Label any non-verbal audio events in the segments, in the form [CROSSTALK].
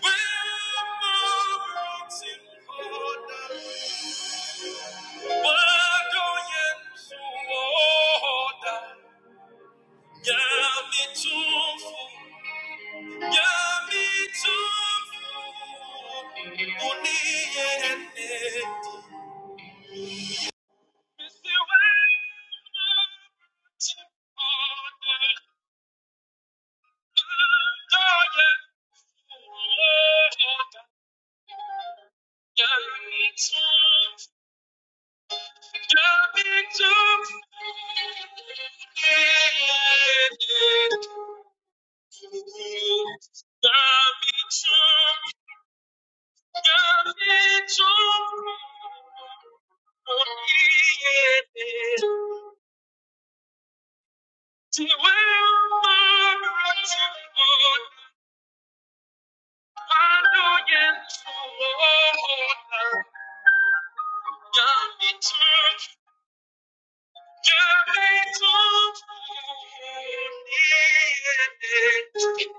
When moments in order, wadoyenza uwoda, nyami tufu, nyami tufu, uniyende. Misi wema in order, wadoyenza uwoda, nyami tufu. Thank you.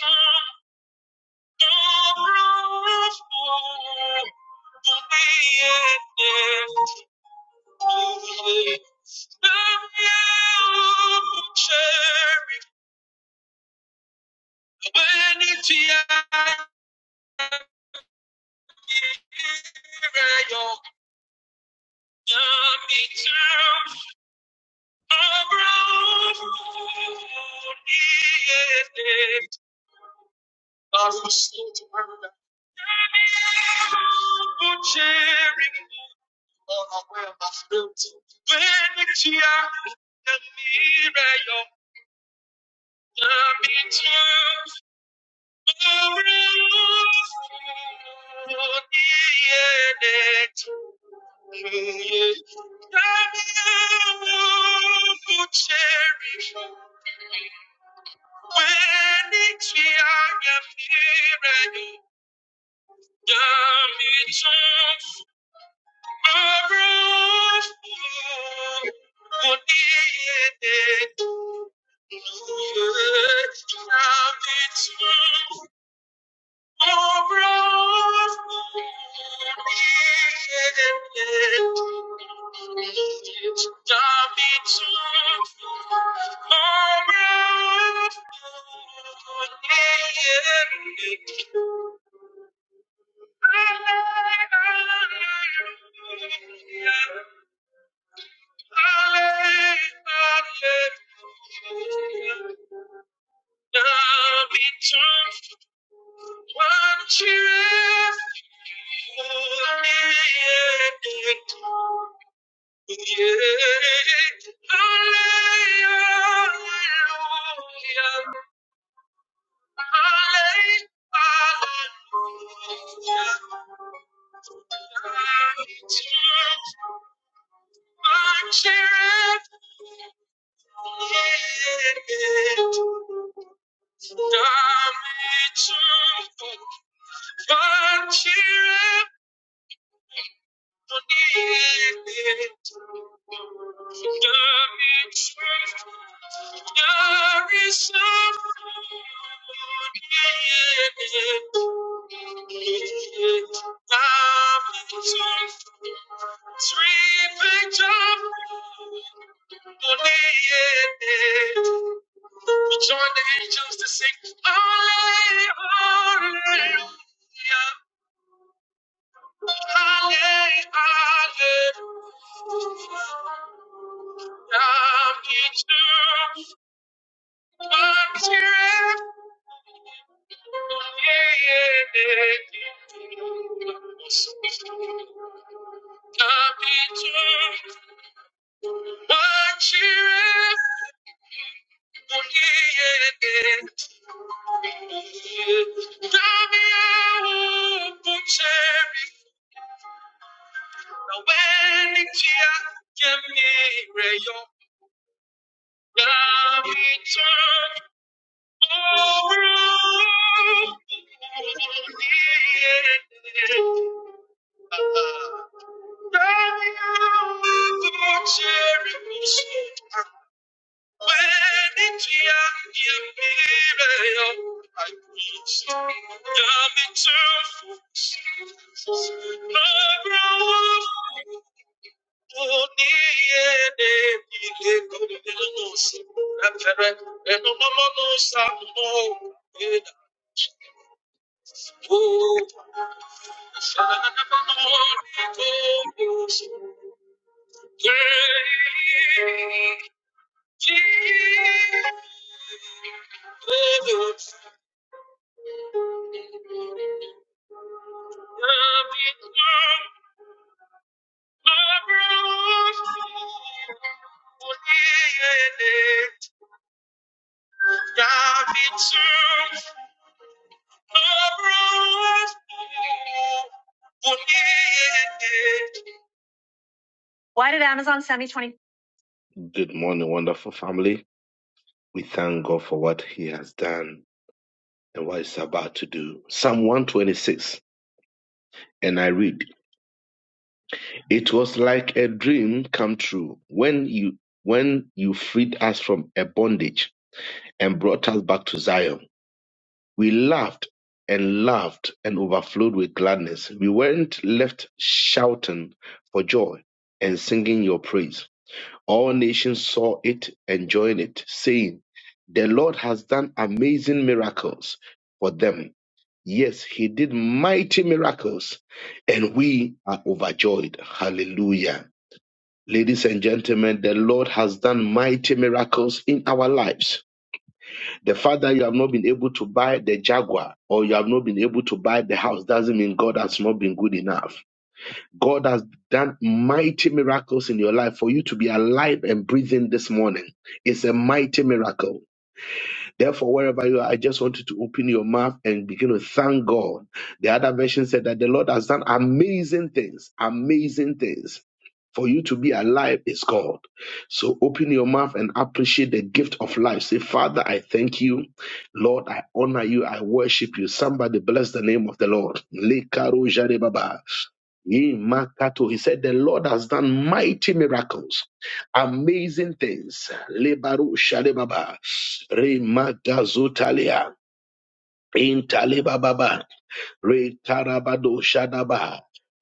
Yeah. Cherry When you see out the mirror, your love becomes a cherish when it's your mirror, your love is true. Hallelujah. Love becomes what you have. Cheer up! There is someone. We join the angels to sing, Hallelujah, Hallelujah, Hallelujah. Come into Oh, Oh, Why did Amazon send me 20? Good morning, wonderful family. We thank God for what He has done and what He's about to do. Psalm 126. and I read, It was like a dream come true when you when you freed us from a bondage and brought us back to Zion. We laughed and laughed and overflowed with gladness. We weren't left shouting for joy and singing your praise. All nations saw it and joined it, saying, The Lord has done amazing miracles for them Yes, he did mighty miracles, and we are overjoyed. Hallelujah. Ladies and gentlemen, the Lord has done mighty miracles in our lives. The fact that you have not been able to buy the Jaguar or you have not been able to buy the house doesn't mean God has not been good enough. God has done mighty miracles in your life for you to be alive and breathing this morning. is a mighty miracle. Therefore, wherever you are, I just want you to open your mouth and begin to thank God. The other version said that the Lord has done amazing things, amazing things. For you to be alive is God. So open your mouth and appreciate the gift of life. Say, Father, I thank you. Lord, I honor you. I worship you. Somebody bless the name of the Lord. Lekaro jarebaba. He makato. He said, The Lord has done mighty miracles, amazing things. Lebaru shalebaba, remadazotalia, intalebababa. Retarabado Shadaba.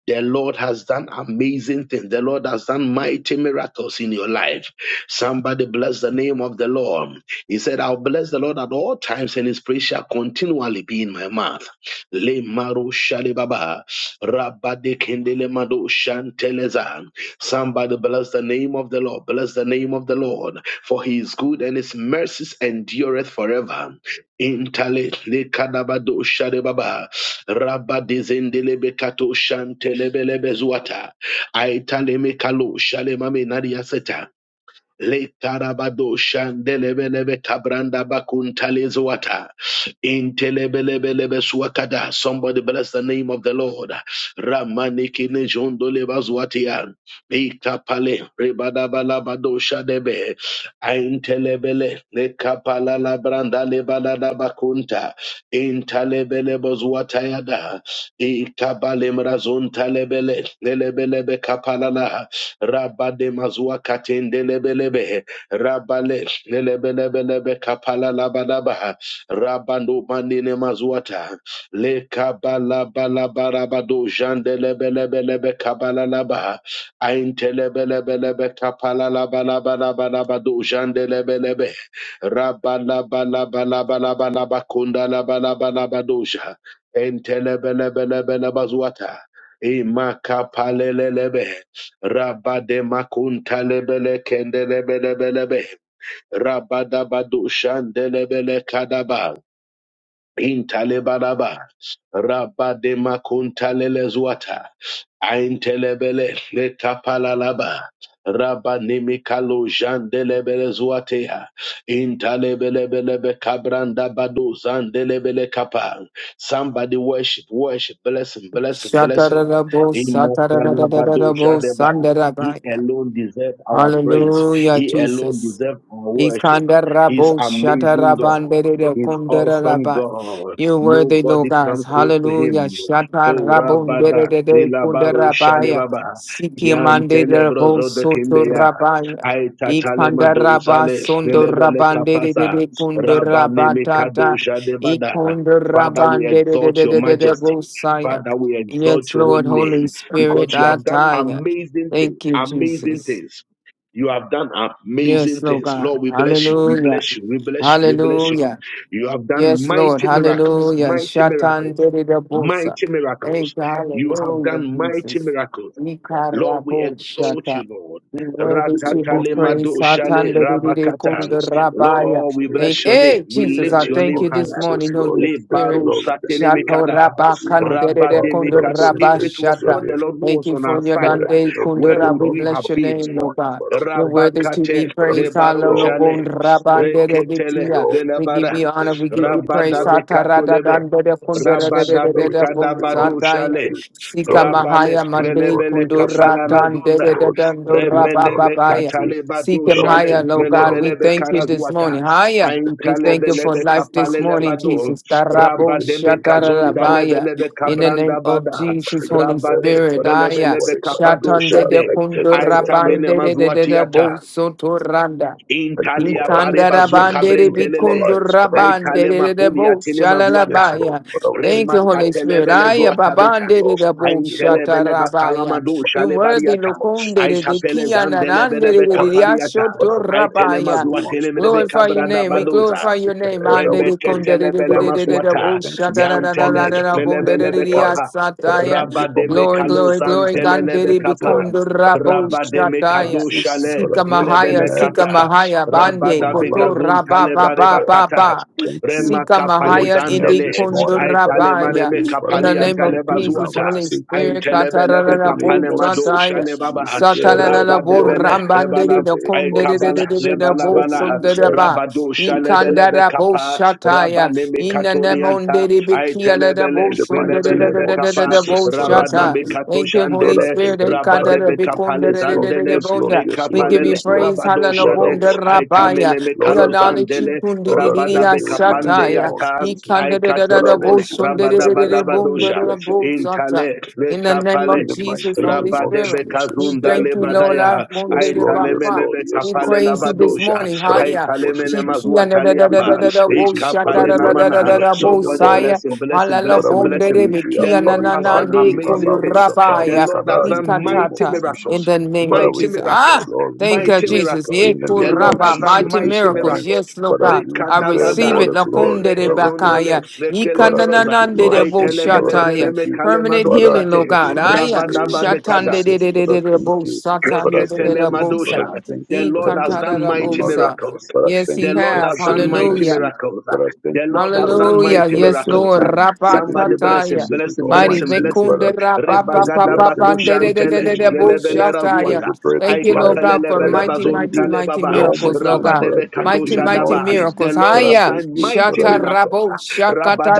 The Lord has done amazing things. The Lord has done mighty miracles in your life. Somebody bless the name of the Lord. He said, I'll bless the Lord at all times, and his praise shall continually be in my mouth. Le maro shalibaba. Rabade kendele mado shanteleza. Somebody bless the name of the Lord. Bless the name of the Lord. For he is good and his mercies endureth forever. Intale le kadabado shalibaba. Rabadizendelebe kato shantelebelebe zuata. Aitalemekalo shalemame nadiaseta. Le tarabado shandelebelebe kabranda bakuntalezo wata. Intelebelebelebe suwakada. Somebody bless the name of the Lord. Ramanikine jondolebazwatia. Ikapale rebadabalabado shadebe. Aintelebele lekapala labranda lebadadabakunta. Intalebele bozwatayada. Ikabale mrazontalebele lelebelebe kapalala. Rabade mazua katende lebelebe. Rabale lebelebelebe kapala labadaba. Rabando manine mazuata. Le kabala balabarabado jande lebelebelebe kabala laba. Aintelebelebelebe kapala labalabalabado jande lebelebe. Rabalabalabalabalabalabakunda labalabalabadoja. Entelebelebelebe labazuata. Imakapalelebe. Rabade makuntalebele kendelebelebelebe. Rabada badu shandelebele kadaba. Intalebaraba, Rabadema Kuntalelezwata, Aintelebele, Letapalalaba, Rabanimikalo Jandelebelezwatea, Intalebelebelebe Cabranda Badu Zandelebele Kapa. Somebody worship, worship, blessing, blessing, blessing. Shatarabo, Imokalabado Satarabo, Jadeba. He Sandarabaya. alone deserves our praise. Hallelujah, He alone Jesus. deserves our worship. Ikanda He is rabo shata amazing God. rabande de shatarabandere He's awesome kundararaba. God. You're worthy, Lord Nobody God. come close to Hallelujah. him. Oh, Shatarabondere kundarabaya. Rabada, de de de Nilabaro, kundera rabaya. Shalebaba, Siki Yan mande de rabo Telebrozo de soto Kindeya, rabaya. Aita Talemado, Ikandaraba Sale, sondo Nelebele rabande de de Kapasa, de kundera Rabane Mikado, rabatata. Shadebada. Ikunda Father, we rabande de de exalt de your de de de majesty. bosaya. Father, we exalt Yes, your holy Lord, Holy name Spirit, because you I have done tire. amazing things, Thank you, amazing Jesus. things. You have done Yes, amazing Lord things. God. Lord, we bless you. We Hallelujah. bless you. We bless you. We bless you. Hallelujah. You have done Yes, Lord. mighty miracles, Hallelujah. mighty Shatan miracles, Bosa. mighty miracles. Thank you. You have Hallelujah, done mighty Jesus. miracles. Lord, we Nikarabo exalt Shata. you, Lord. You worthy to be Ratatale praised. madoshale Satan rabakatan. Jesus' name and Rabaya. Lord, we glorify your Thank bless name. your name. hey In We Jesus. the I lift your name thank name of you this higher. Jesus, morning, Lord, I Holy Le thank you, Spirit. baro Lord, we thank satele you. Shato mikada, Lord, Rabba We Kandere magnify rabade that Kundu of the mikado. sins Rabba for If it it is was your Shata. not the name. Lord who Thank was you on our for your You are side, the King dande of Kings, where your kundura. would We Lord, we bless of have your this name, been? Lord morning. God. Father, we You're thank worthy you. to be Rabakate Father, we le praised. give you baro Hallelujah. all jale, glory. Father, we give reketele you all le We give labada, the you honor, praise. we I give you give you praise. rabada glory. bekato Satarada lebe, dandere kundere de Jesus. de rabada de Father, de we de thank bo bekada you, Lord. bado We sataya. shale. thank you. Sika Lord, we Rabale thank mahaya you. mande Lord, we Velebele worship kundura you. Kapalana dandere Zunda de Lord, we thank you. dandura Lord, we Remeneme thank bababaya. you. Kataleba Seek him Father, we Dushale higher, thank you. Lord Father, God. we We thank Velebelebe you thank you this this morning. Karazuata morning. Higher. In the We name of thank you for Aintalebelebe Jesus, life Lord, this we Kapalele thank morning, you. Bado Jesus. Lord, we Tarabo thank you. Rabademe We thank you. And Kazunda all things, shatarabaya. Lebelebe Lord, we In the thank you. name Kabranda of Bada Father, Jesus, you Holy deserve Rabade it. Spirit. Father, this Aya. Velebelebe morning, Father, Kapado we're still Shatande de Shade alive. Thank you for kundura your Aita Mine burden. bande de de de de Mazuatiata bo sotoranda. Thank you for Intalia everything that barebazu you've been Ikandarabandere doing in our kabrentelele. lives. Father, we thank Aitalema you. bikundurabandere kulia debo tinema zuata. Yes, Lord. shalalabaya. Father, we thank Thank you, you, Lord. Holy We Spirit. thank Remakatelebele you, Aya Lord. We zuata thank beta. you, babandere Lord. We thank debo you, Lord. We Aintelebele thank you, Lord. shatarabaya. bakalamadu You worthy shalebariata. of Jesus lokundere de Lord, Aitapele this kiananandere zandelebelebe de morning. kapariata. But I thank you Aitelema riashotorabaya. so much for zuatelebelebe Glorify everything. your kabrada name. But We I badoza. thank glorify you your for the name. air that we Mandere breathe. kondere de de But I de de de thank de you. I Remeketelebelemaswata. bo thank you shata for da my da da da Yantele family. da I da thank bo you de for de my de lelebelebe de wife. kapa. But I asataya. thank you for my Rabademe Glory, glory, kids. I kalozan glory. thank you for telelebe Gandere the kapa. job. I bekondora thank bo you for my Rabademe shataya. finances. kadoshale God, Sika I thank you mahaya, in lelebele sika kata. everything. mahaya. Thank you Bande for my Rabadabe life. koto I gazun thank you raba for ba my talebare ba health ba bakata. ba. thank you Rema Sika for kapale mahaya waking me up indi this zandele. morning. kondora Father, Aitale I thank baya. maneme you. Father, In I the kapali can't name of thank atale you enough. Jesus, bazuata. I Holy just say thank Spirit. you. kata da da Aintelebelebe In da the name bo kapale of shataya. madoshale Jesus, you baba. deserve all Satalala the bo glory. Rabadebele In rebana rambandere the de name of kondere de Ekabala de de Jesus, de you de lebala bo deserve it. You bala sondere deserve it. ba. rabado shalebelebe Ikandara bo kapa shataya. rabaneme Inana katolianta mondere bekiala da aitelebele bo In the sundere mighty da name da svelebelebe of da da da kapa da bo Jesus, Father, I thank shata. rabaname you. Thank you, God, Holy I rabade thank Spirit. you. God, I Ikandara rabadebe thank you. Yes, bekondere da Lord. da da da kapalezandele Yes, Lord. bonda. Yes, We Lord. give you ekapalele Yes, Lord. praise. rabado Halala Lord, I shade bonda worship you. aitamene rabaya. Lord, We I thank acknowledge you. you. mekalozandele Kundi Lord, di I di di rabada thank ya you in the bekapande name shataya. of yata Jesus. Ikandere da da God, I da bo aikatelebele worship you. God, sundere rabada I da da thank da you. I bonda thank rabadabadabadosha da you. I thank bo you. shata. intale In the name lekapale In of the mighty Jesus, Holy name of rabade Spirit, Jesus. we God, bekazunda I thank you, thank you. Lord. Our lebadaya Yes, bondere Lord. Yes, bapa. Lord. Aitalemelebe Yes, We Lord. kapale praise Yes, you Lord. this labadosha. morning. Father, we Haya. worship Aitalemele you. Chiki da da da da We da give mazuataliapa. da you da bo praises, shata Father. Ikapale da You are da the da da King namana. da of da Kings, bo the Somebody Lord of saya. bless him, Lords. bless him, Halala bless Father, him, we bless bonde de him. live, we The bekia abide, na Lord we na has bow na done you, de we amazing hallow, we things. shabbat, The we kundurabaya. Lord kada has in the done name of mighty Mikatata in Jesus. miracles. the name Father, of we Mighty Jesus. thank you, Ah, miracles. Lord. We thank thank you, Mighty you Jesus. miracles. Ye in the The name of Lord has kuraba, done Jesus mighty this mighty miracles. morning. miracles. Yes, Lord Father, God. you I deserve receive all Rekadabadam, it. the glory. Lakunde de Father, we thank rebedezondole, you. bakaya. Lord, I thank rekelebroza, you. Ikananande Lord, de I bo thank you. Lord, I shataya. thank aitelebelezereme you. Permanent kalemando Father, I healing, sate, Lord thank God. you in the Aya. name of rabadabadekata. Shatande de Jesus. de de Father, de I de thank bo you. satan Father, I de de de thank de you. bo sa. Reketelemadosha. Father, we thank The you. He Father, Lord I come has thank to you that done for my mighty above, mother. sir. miracles. But I Yes, thank The he you Lord for have. has done showing mighty Hallelujah. mercy. miracles. But I thank The you Lord has for the done praise. Hallelujah. mighty But I Yes, thank miracles. Lord. you in the Somebody name of bless him, Rapatataya. Jesus bless with him, all my bless Mighty him, sins, bless him. Father. Bekunda I thank Rebagada you. I thank you for bakushantele, giving me the, uh, lelebele the, Rapapapapandededededebushataya. razuata. the breath of I Thank you, life. Lord kapele God, for But I, lebede I mighty, thank mighty, you bazontale mighty with baba. all my miracles, Lord sins. But God. I Rabadebe thank Mighty, you katosha in mighty all daba. things. The miracles. Lord But I has Haya. thank done you. mighty Father. miracles. Shatarabo.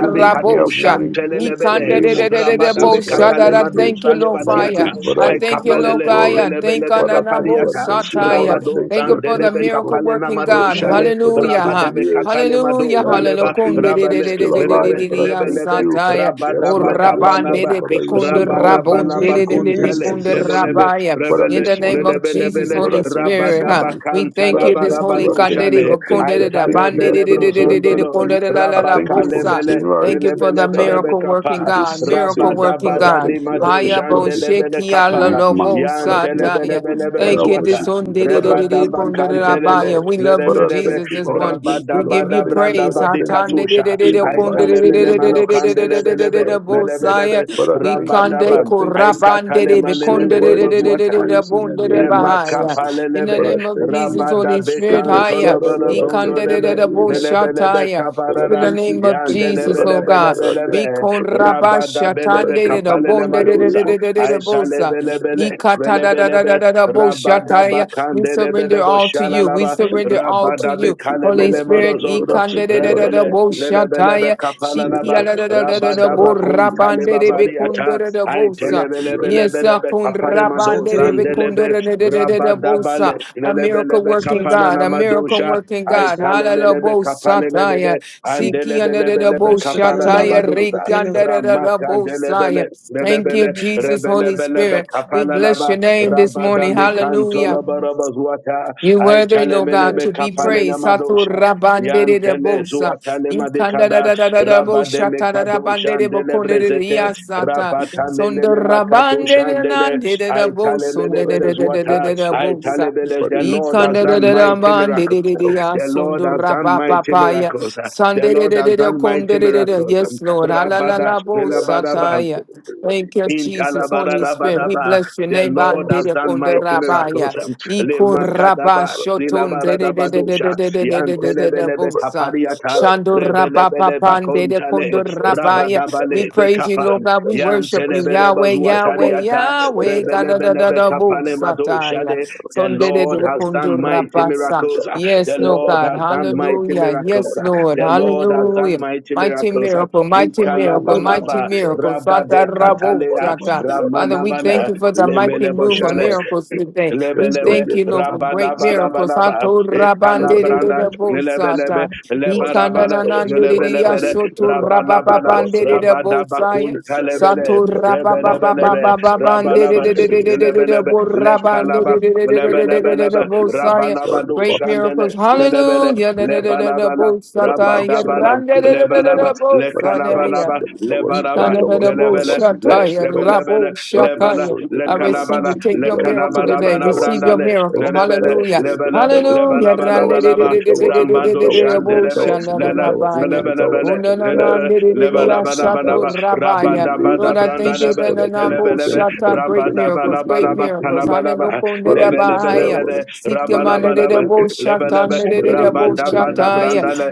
You wake me kato up morning He in the can de- lebede. de- name of de- de- de- de- Jesus. bo- Rabadabe Father, I shada- katale thank da. you. Thank you, madosa Lord In all Fire. lebatiata. things, Father, I I I give thank you you, all the Lord kapelele glory. Fire. Thank you, lelebelebe Father, I thank Nanabo you. I kapariata. thank you, Lord. Sataya. I Rabado thank Thank you. I you for the thank zandelebe you for, miracle kapale working for the namado God. shale. time, for the, Hallelujah. for the ha. Rabademe years. katale Hallelujah. madosa Helen, Hallelujah. leba. of Kun De- being de- of de- Rabale de- de- still de- de- de- Lebe, alive. de- but I de- ya lebe, thank lebe, you. Sataya. Yes, O rabadaba Lord. Yes, Rabban Lord. de- kabalaba, de- be- Father, you kun- say de- in all things Rabun we de- rabalabalaba de- should de- give de- de- praises kuntale, kun- and de- lebe, thanks to you. lebe, Rabaya. But at In rebele, this the name morning I of lebe, thank lebe, Jesus, you. le, Lord, Holy I thank you Spirit, so huh? rabadaba much. we thank Father, you kantalaba I this thank you. holy I Thank thank you you. rabadushale, I for thank you. I thank aitale you. I bele thank you. I thank brozondolo, you. I thank you rabakale from bele, January to lebe, this the lebe, lebe time miracle working to kapa, God, this miracle September. working rabadaba Father, I thank God. danima you. I thank Haya you bon on dujande this lebe le sheki ala ninth kapa, lo month. bo Father, I yantele thank bele you. sataya. bele But I Thank you. brezuata, this worship on you. de- de- But de- I de- de- do Rebadaba give konde you de la your kantelele, baya. glory. We love you, lebe, Father, I lebe, thank Jesus, you, this Lord. I morning. thank you, We Lord. give I you thank you, branda Lord. praise. I badi thank Hatan you. de- de- katusha, de- de- In de- the I konde de- mighty de- talebele de- name de- of mano de- de- de- de- de- de- de- Jesus, de- de- Father, de- I bo thank you. lebelebe, Father, We I thank you. kande Father, rabadabam. I thank I you. katale You're Mandere so manelebele worthy to be bazuata. bekondere praised in the bondere name of bahaya. Jesus. In the Remakapalelebe, Father, name I of thank you. Jesus, Rabada Holy Spirit, Shepherd, higher. Father, Bekantolabada Lord, I thank you Ikandere in Zondolebe, the name of Jesus. Lelebelebe boshataya. Father, I In Kaparada, the thank name you. of Thank you, Lord. Jesus, I Lord thank you, God, Lord. I thank Yandelebelebelebelebe, we call you, Lord. I thank you. Rabada Rabasha Father, Belebe I Tande de thank the you Kapalele in Bonde the de de de Madosa, name of de de de de Jesus. Bosa, Aitalebelebele, Ikata da da da da Lelebelebe, da da Bosha Rabada We surrender Bakandelebelebo all to you. We Shalalaba, Thank surrender you, all Lord. I to Rabada you, thank you, Lord. Holy I Bekalemene thank Spirit. you, Lord. I Morozondo, Ikande thank de you, de Lord. de I Rebele, thank de you. Lelebelebe shataya. Kapalanaba, Shikia la da da da da da Rabada bo rabande Bakuntaleba de bekunda Bariata, da da bosa. Yes, uh, Aitelebelebelebe kun Kapare rabande Madosa, de bekunda Andelebe, da da da da da da bosa. Rabadabale, A miracle lelebelebe working kapana God, a miracle namadosha, working God. Hallelujah, aitalemelebe bosa taya. kapalelemele, Shikia da da da andelebelebelebe bosa kapara taya. nabadoza, Rikia da da da da ramaka bosa ya. delebele, Thank you, lelebele, Jesus, Holy rebelebelebe Spirit. We kapana bless naba, your name this morning. rabadami Hallelujah. kantoloborobozuata, You're worthy, Lord God, aitalemelebe to be kapale praised. Satu namadosha, rabandere de yantele bosa. zuatale Ikanda da madekada, da da da da bosha rabademe ta da da kadoja, bandere bokonde de andelebrezete, riasata. Sondo Rabatamelele makato rabandere shandele. nande de da I bosa. De de de talemelebelez de de de wata. de da I bosa. talebelez. The Lord has Ikanda da done da da mighty miracles. bandere de de ya. The Lord Sondo has done mighty rabapapaya. miracles. The Sande de Lord de has de de done mighty konde de de de. miracles. Yes, Lord. La la la Rabada, la bosa taya. Thank you, in Jesus, Holy Spirit. We Talabarabadaba, bless your the Lord name has dere done konde mighty rabaya. miracles. Um, Iko raba Lemakadaba, shoton dere de de de de de Lilabaradabadusha, de de de de de de de Yantelebelebe bosa. Kapariata, Shando rababa Rebelebele pande de Bakontale, kondo Everybody was for rabaya. that. We Rabadabale praise you, Bekapa, Lord Everybody God. We does worship you, success. Yantelebele Yahweh, They Yahweh, want to Bazuatariata, everybody Yahweh. else. Kada da da Rebelebelebe da Kapale bosa taya. Madoshade. Everybody The Son just de de keep de Lord them. has kondo done You mighty know, when you rabasa. get miracles. Uh, a more, The Yes, they Lord want Lord God. has to, they done want mighty to, Hallelujah. they miracles. Yes, want Uh, to, they Lord. The want Lord has done Hallelujah. mighty Mighty miracles. Uh, miracle, mighty miracle, Likalabalaba, mighty miracle. Sata Rabade rabo Katalea, sata. Father, we thank Ramanabana, you for the mighty Lemelebo move of Shale, miracles today. We Lebelebe, thank you, Lord, for great miracles. Rabanabanabanaba, Hato rabande de de Ekalabranda, de bo Lebelebe, sata. Ikana Lebarabana, na na de de Lebelebele, de Rabanabana, Rabababandere Bosaya, Rabadabakunta Lebele, Sato Rebelebelebe, Rababababababandere Rabanaba, Yes, Lebelebe, Lekalaba, everybody is Borabandere Lebelebelebe, up here. Bosaya, So in the Rabanabadu, front, great Shandele, miracles. to me, Lebele, Hallelujah. the mayor was to Lebanabana, what the wrong Bosataya, sit down, Rabadabalam, you know, the good man. Lebalaba, Randere But if there was a Bosaya. Lekalabalaba, jump, there was a jump, Lebalaba, there wasn't, there Lelebele, wasn't, there Ikanadaboshataya, wasn't, there wasn't. Leshbebelebele, Everything Lebala, raboshataya. showed them I in your mouth, receive Lekalabala, you. you Take could your go, you miracle know, Lekalabala, Thank today. everything that was Receive it. your Brandale, miracle. Everything that Lelebele, was Hallelujah. it, everything Lebala, that was it, Hallelujah. everything that was it, Lebalabalabalaba, everything that was it, everything Ramado that was it, everything that Shandelebe, was it, everything Lena, that was it, Randededededededededededeboshandadabaya. everything that was Lebelebele, it, everything that was Lelebe, it, everything that was it, everything that Lebalabalabalaba, was it. In Unananandiririashatorabaya. the name of Lord, Rabadabada, I thank you Jesus, Brandalebe, that the Father, thank you, Nambo thank Lelebelebe, you, thank Shata, you, great thank you, thank miracles, you, great thank Rabadabalabalaba, you, thank miracles. you. Kalabalaba, Father, you deserve Ananokondirabahaya. all the Lebelebelebele, thanksgiving in the Rabalabalaba, name of Sikamandirabo [CLEARS THROAT] Shata, Lebelebe, Jesus. Father, we Ndirabo lift your Rabadabada, name. and Shataya. We, Brandane,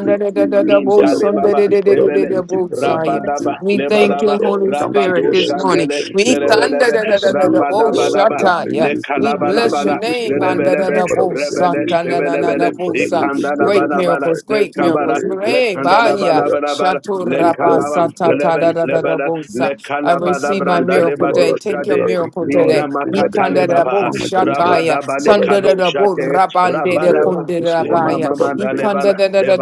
we, we, we, Father, we thank Intalebaba you. Father, we Rebele thank you. Sundirabo Father, we Saya. thank you. Rabadaba We Father, thank you, Lebanaba we all Holy come Spirit, Rabado together this and say, morning. Shandele Thank you, We Lord. thunder Rebelebe da The da da da da Spirit of bo God, Father, Rabadabanaba shata thank yeah. Le you, thank We you, thank bless your Kalabalabala you this name and morning. da da Rebelebe da Father, bo we thank Rebele you. sata We na na bless your na na Rebelebele name. bo Father, we sa. lift your Great name on Ikandalabalabala miracles, high. Le great In the Kabala miracles. name of Le Mare ba, Jesus, yeah. Father, Kandalabalabalabala Shato Le great raba God, Kalaba give God, sata ta Lebe da peace. da da Father. da Lebele bo Le sa. I Kalabada receive my We Branda thank miracle you, Lord. day. I Lebado Take thank your you. I Shade thank miracle you, Lord. today. Everything that the Inamakata enemy Lebaba Ikandarabo come against us. shataya. Rabadaba Le Father Kado Sandarabo Shate rabande de prevail Rabadaba this Le morning. kondarabaya. Mama Father, we thank you. Mandalebala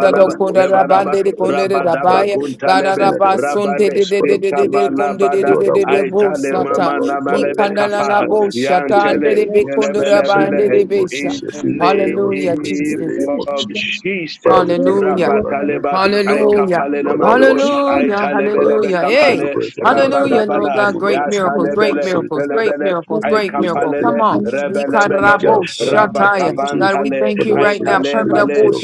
Father, we worship you. lebalaba kondarabande de Father, we rabadaba glorify your kondarabaya. name. In kuntalebe the Bararaba name of sunde rabade de Jesus, de de Father, we de de thank de you. konde de de sikabalabada Lord, de I de de worship bo you. aitale Lord, I sata. mama glorify your namalebe name this kapa Ikandarabo morning. In the shatande yantele name de be of Jesus, in the kondarabande yelebelebele de name of besa. in Jesus, in the the name of Hallelujah, Jesus, in the Jesus. name name of of Jesus. Father, Jesus, we thank you, Hallelujah. Lord. I thank you. Rabataleba, I Hallelujah. kapale Lord, I namado, worship you. I Hallelujah. But I talebelebe thank Hallelujah. you for the Hey. kapale, breath of life. But I Hallelujah, thank Lord you Rabadabana, for my God. mother. Great I thank you miracles, for you. my great Yatalebele, son. miracles, I great thank you miracles, for I my great kids. I miracle. thank Come kapalele, on. you Thank for taking rebelebelebe care Ikarabo of them. I shataya. thank you God, we rabakabantale for thank you the right for your now. for your for Permanabo aitalebale your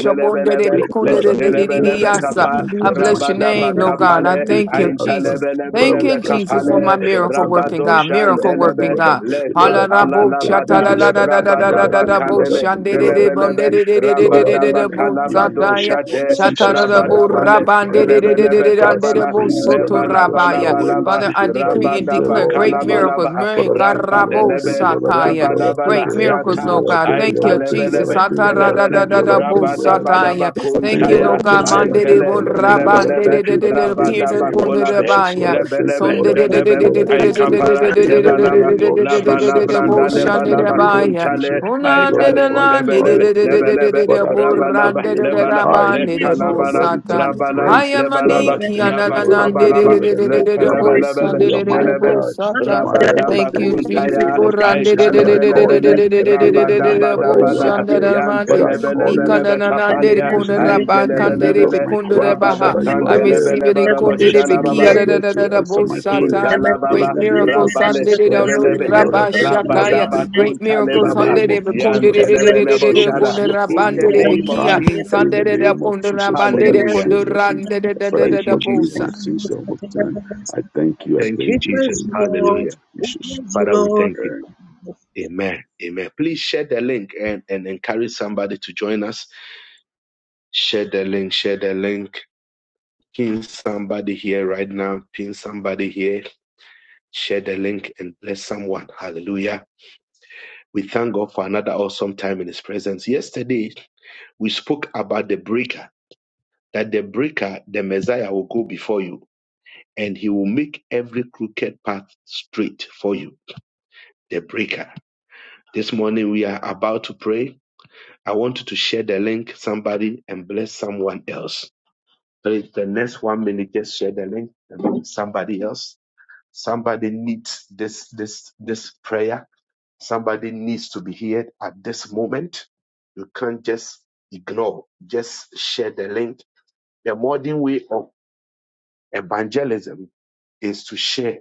for your le- blood, I thank you. I lelebelebe thank you. I bekundededededediyasa. kapa thank you I for my bless your sister. name, thank Lord you for God. the I rabadabakapale kids thank and you, the husband. Jesus. Father, Thank we talebelebelebe, you, bless your Jesus, for name. my kapale Father, we miracle thank you. working rabado, God, Lord, I miracle thank you. shandelebe, working Lord, I God. thank le, you. Lord, I Hala thank kapala, you. rabadoshandelebe rabo shatta Thank la lekapalalabada you, la Lord. la I la thank la you. la Lord, la I la thank la you. bo Lord, I rabadabakalele thank you. shande de Lord, I de bo thank lelebelebe nde you. de de de Lord, de I de de thank bo you in the sataya name of rabadabakalabadoshate shatta la Jesus. la Lord, I bo want rabadabale this raban by de your de de name. de de lelebelebe de But I de de say de kapala bo praise to your soto name because you are rabaya. worthy to lebalabalaba be Father, I praised. For you decree and deserve declare all the great glory. miracles. rabadabakalabalaba Mary, Father, we God, thank you, Lord. I rabo thank Rakadelebe, you, Lord. I thank you, sataya. Lord. I thank Rabadabala, you, Great Lord. I thank miracles, you, Yata, no Lord. I God. thank you, Thank Lord. you, I thank you, Lord. Jesus. I Aitalebelebe, thank you, Lord. I thank you, Shatta la Lord. I la thank Telebele, you, la Lord. I la bo thank you, Lord. I thank you. sataya. I thank Thank you, you, Lord. I Rabadabadabakuntaya, Lord God. thank you, Lord. I Mandere thank Aintele, you, bo Lord. I thank you, Lord. raban de Lebelebe, de I de thank you. de de de de In the de de bo name of soto Rabadabakolabe, Jesus, Lord. rabaya. I thank you, Rebelebe, Lord. Sunday I de de thank de you, Telebe, de Lord. de de I thank de de de de you. Aikapara, In the de Lebanaba, name of de Jesus. In the Labalabranda, thank you, in the name of kuntale, Jesus. you. Lord, I Aitale, magnify Lebele, your name. Lebelebe, But I lift your Rabanaba, name on Lebana, high We deserve because you are Lekalabana, worthy to be it. Rabana, praised. We Lord, I Lebanaba, deserve it. thank you, We Lord. I thank deserve you, Rabakabalaba, it. Lord. I We thank you. You are deserve my it. Lekalebelebe, King. We You are my deserve Lebele it. God. You Vamos are a my la voz everything. In the Rabadabakuntaya, name of Jesus, Lord, I Vamos call Aitalebelebele, you a day and la night, Father. Oh, You are Rabadabadabada, glory there. belongs to Father, I you, call you Jesus. Yantelebelebelebe The in Kapalia, man the is the middle, thing, the in the man is middle of Aintelebelebele, my de de crisis, de Father. You are I there receive it. Rabadakantelebelebe in to Kundidi rescue me. Biki, You ah, are da, Raboshanababa, da, there da, da, to da, answer bo, my prayers. Emelos In Intalababa, Great the katil, name of miracles, emelos Rabale, Sunday, Jesus, katil, Father, no thank Rebelebe, you, Lord. I Rabba emelos thank you, Lord. katil, I emelos katil, Shakaya. thank you. emelos Great In katil, miracles, the Rabadabakuntalebaba, Sunday, name of Jesus, emelos Kundidi, Father, katil, emelos katil, emelos katil, show emelos Kundidi, Yantelebeleboshada. katil, mercy upon In me the Rabandidi all name of emelos Bikia, time. katil, Jesus, In Sunday, the name of Kundera Jesus, Father, Bandere you hallelujah. show mercy. Kundurande da da. Father, you da Thank you, da forgive my Bosa. Jesus. sins emelos all katil, the time. emelos I thank katil. you. I Thank thank We you, you for it. praise In Jesus. you, the name Lord. Hallelujah. of We Jesus. praise you, Father, we Lord. thank you. And Amen. Amen. Please share the link and, and encourage somebody to join us. Share the link. Share the link. Pin somebody here right now. Pin somebody here. Share the link and bless someone. Hallelujah. We thank God for another awesome time in His presence. Yesterday, we spoke about the breaker, that the breaker, the Messiah, will go before you and He will make every crooked path straight for you. The breaker. This morning, we are about to pray I want you to share the link, somebody, and bless someone else. Please, the next one minute, just share the link and bless somebody else. Somebody needs this this this prayer. Somebody needs to be heard at this moment. You can't just ignore. Just share the link. The modern way of evangelism is to share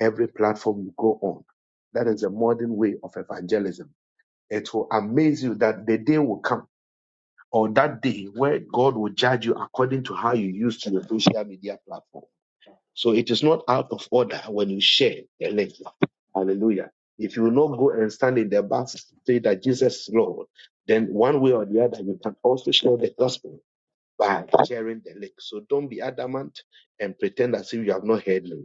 every platform you go on. That is the modern way of evangelism. It will amaze you that the day will come or that day where God will judge you according to how you used your social media platform. So it is not out of order when you share the link. Hallelujah. If you will not go and stand in the back to say that Jesus is Lord, then one way or the other, you can also share the gospel by sharing the link. So don't be adamant and pretend as if you have not heard me.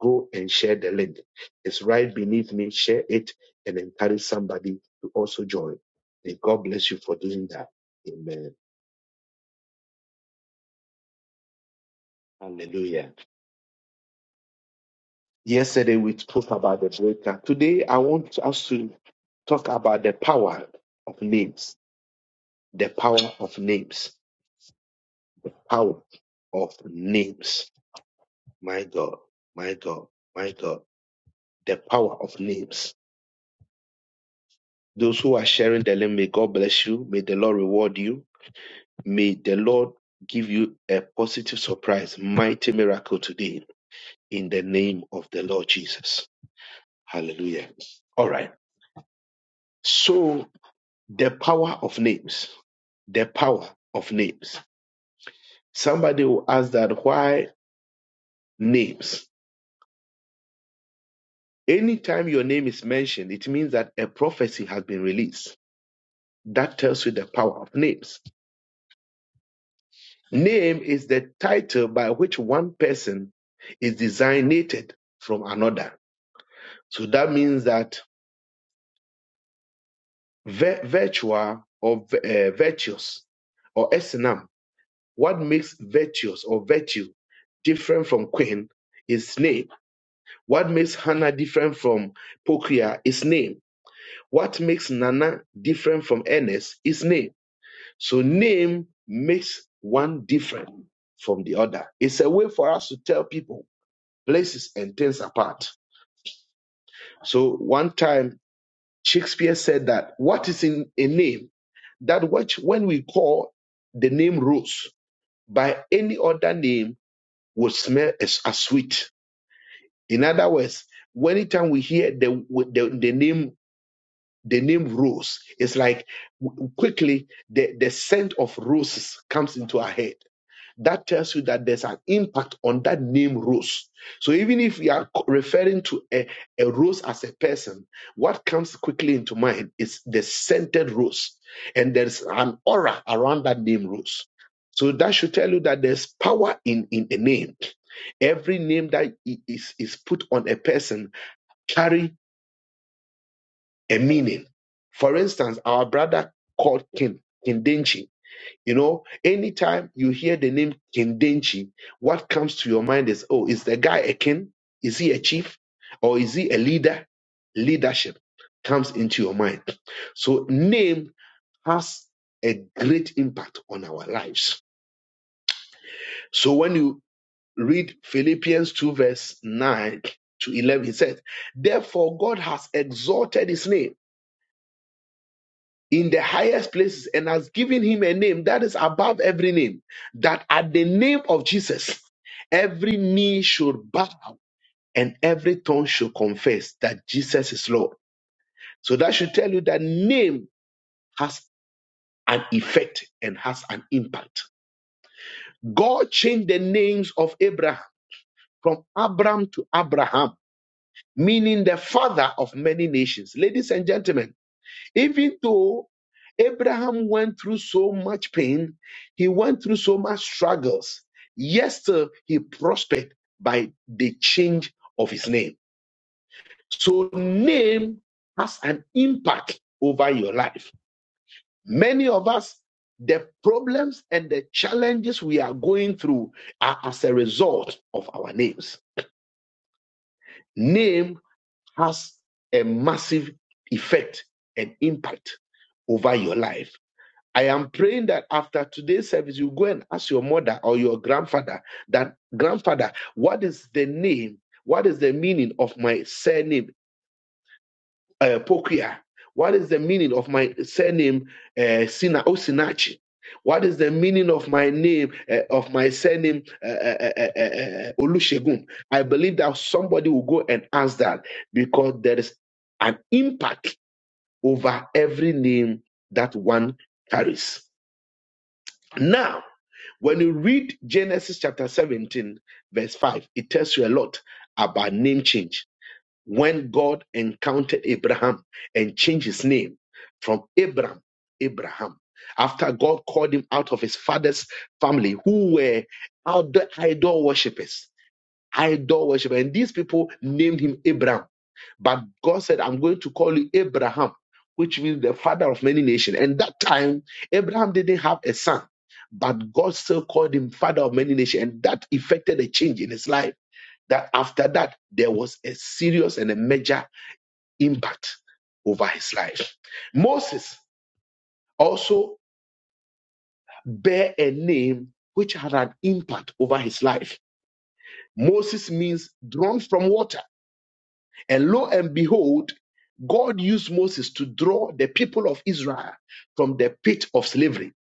Go and share the link. It's right beneath me. Share it and encourage somebody to also join. May God bless you for doing that. Amen. Hallelujah. Yesterday we spoke about the breaker. Today I want us to talk about the power of names. The power of names. Power of names. My God, my God, my God. The power of names. Those who are sharing the link, may God bless you. May the Lord reward you. May the Lord give you a positive surprise, mighty miracle today in the name of the Lord Jesus. Hallelujah. All right. So The power of names. The power of names. Somebody will ask that why names? Anytime your name is mentioned, it means that a prophecy has been released. That tells you the power of names. Name is the title by which one person is designated from another. So that means that vi- virtual or uh, virtuous or s N M, what makes virtuous or virtue different from queen is name What makes Hannah different from Pokia is name. What makes Nana different from Ernest is name. So name makes one different from the other. It's a way for us to tell people places and things apart. So one time Shakespeare said that what is in a name, that which when we call the name rose by any other name would smell as, as sweet. In other words, anytime we hear the, the, the name the name rose it's like w- quickly the, the scent of roses comes into our head that tells you that there's an impact on that name rose so even if we are co- referring to a, a rose as a person what comes quickly into mind is the scented rose and there's an aura around that name rose so that should tell you that there's power in in a name every name that i- is is put on a person carry a meaning. For instance, our brother called King, Kindenchi. You know, anytime you hear the name Kindenchi, what comes to your mind is, oh, is the guy a king? Is he a chief? Or is he a leader? Leadership comes into your mind. So name has a great impact on our lives. So when you read Philippians 2 verse 9 to 11, he says, therefore God has exalted his name in the highest places and has given him a name that is above every name, that at the name of Jesus, every knee should bow and every tongue should confess that Jesus is Lord. So that should tell you that name has an effect and has an impact. God changed the names of Abraham from Abram to Abraham, meaning the father of many nations. Ladies and gentlemen, Even though Abraham went through so much pain, he went through so much struggles, yet still he prospered by the change of his name. So, name has an impact over your life. Many of us, the problems and the challenges we are going through are as a result of our names. Name has a massive effect and impact over your life. I am praying that after today's service, you go and ask your mother or your grandfather that, grandfather, what is the name, what is the meaning of my surname, uh, Pokia? What is the meaning of my surname, uh, Sina Osinachi? What is the meaning of my name, uh, of my surname, uh, uh, uh, uh, uh, uh, Olusegun? I believe that somebody will go and ask that because there is an impact over every name that one carries. Now. When you read Genesis chapter 17, verse 5, it tells you a lot about name change. When God encountered Abraham and changed his name from Abram, Abraham, after God called him out of his father's family, who were idol idol worshippers idol worshiper. And these people named him Abraham. But God said, I'm going to call you Abraham, which means the father of many nations. And that time, Abraham didn't have a son, but God still called him father of many nations. And that effected a change in his life. That after that, there was a serious and a major impact over his life. Moses also bear a name which had an impact over his life. Moses means drawn from water. And lo and behold, God used Moses to draw the people of Israel from the pit of slavery.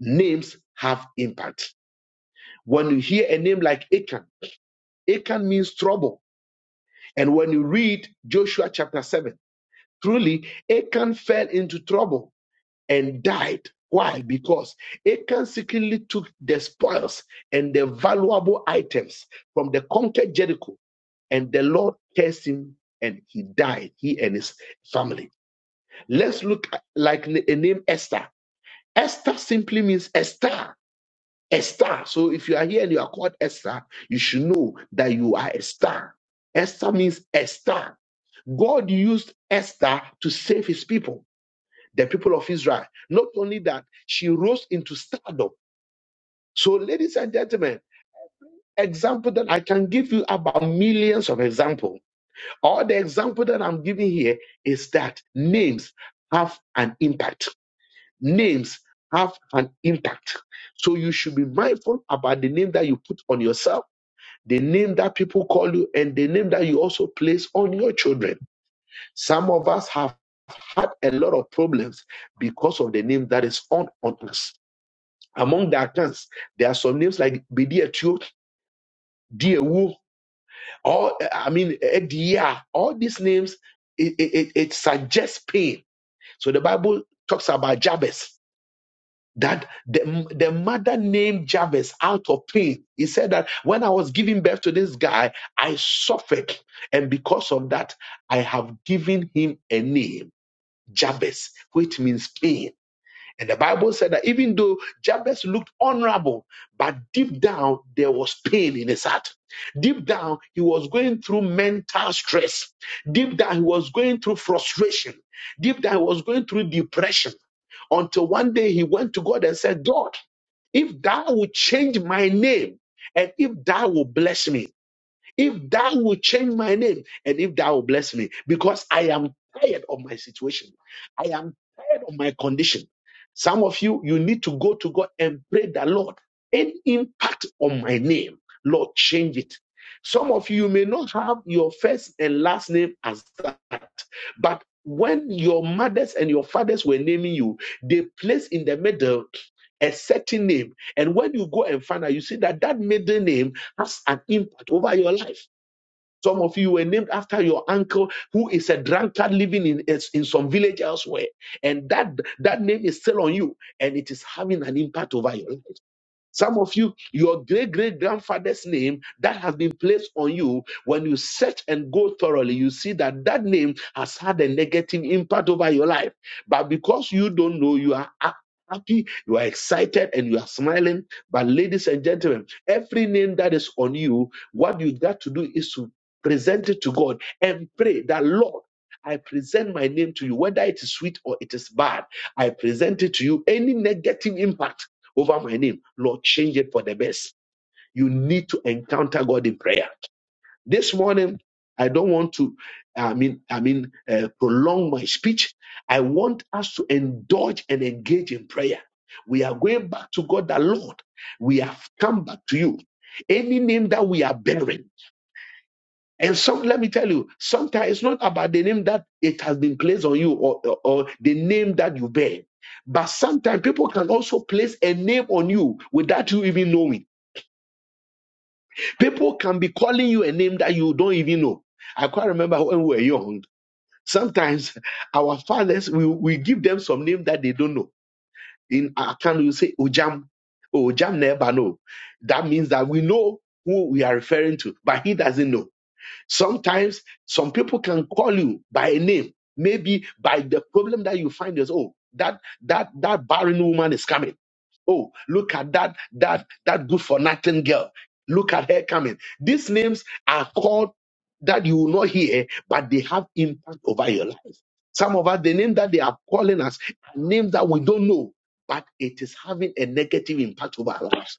Names have impact. When you hear a name like Achan, Achan means trouble. And when you read Joshua chapter 7, truly Achan fell into trouble and died. Why? Because Achan secretly took the spoils and the valuable items from the conquered Jericho, and the Lord cursed him and he died, he and his family. Let's look at, like a name Esther. Esther simply means a star, a star. So if you are here and you are called Esther, you should know that you are a star. Esther means a star. God used Esther to save his people, the people of Israel. Not only that, she rose into stardom. So, ladies and gentlemen, example that I can give you about millions of example. All the example that I'm giving here is that names have an impact names have an impact. So you should be mindful about the name that you put on yourself, the name that people call you, and the name that you also place on your children. Some of us have had a lot of problems because of the name that is on, on us. Among the accounts, there are some names like Bediatio, Diewu, or uh, I mean Edia. All these names, it, it, it it suggests pain. So the Bible talks about Jabez. that the, the mother named Jabez out of pain. He said that when I was giving birth to this guy, I suffered. And because of that, I have given him a name, Jabez, which means pain. And the Bible said that even though Jabez looked honorable, but deep down there was pain in his heart. Deep down, he was going through mental stress. Deep down, he was going through frustration. Deep down, he was going through depression. Until one day he went to God and said, God, if thou will change my name and if thou will bless me, if thou will change my name and if thou will bless me, because I am tired of my situation, I am tired of my condition. Some of you, you need to go to God and pray that Lord, any impact on my name, Lord, change it. Some of you may not have your first and last name as that, but when your mothers and your fathers were naming you, they placed in the middle a certain name. And when you go and find out, you see that that middle name has an impact over your life. Some of you were named after your uncle who is a drunkard living in, is in some village elsewhere. And that, that name is still on you and it is having an impact over your life. Some of you, your great great grandfather's name that has been placed on you, when you search and go thoroughly, you see that that name has had a negative impact over your life. But because you don't know, you are ha- happy, you are excited, and you are smiling. But, ladies and gentlemen, every name that is on you, what you got to do is to present it to God and pray that, Lord, I present my name to you, whether it is sweet or it is bad. I present it to you. Any negative impact over my name. Lord, change it for the best. You need to encounter God in prayer. This morning, I don't want to, I mean, I mean, uh, prolong my speech. I want us to indulge and engage in prayer. We are going back to God, the Lord. We have come back to you. Any name that we are bearing. And some, let me tell you, sometimes it's not about the name that it has been placed on you or, or, or the name that you bear. But sometimes people can also place a name on you without you even knowing. People can be calling you a name that you don't even know. I quite remember when we were young. Sometimes [LAUGHS] our fathers, we, we give them some name that they don't know. In Akan, we say Ojam. Oh, Ojam never know. That means that we know who we are referring to, but he doesn't know. Sometimes some people can call you by a name, maybe by the problem that you find is oh, that that that barren woman is coming. Oh, look at that that that good for nothing girl. Look at her coming. These names are called that you will not hear, but they have impact over your life. Some of us, the name that they are calling us, are names that we don't know, but it is having a negative impact over our lives.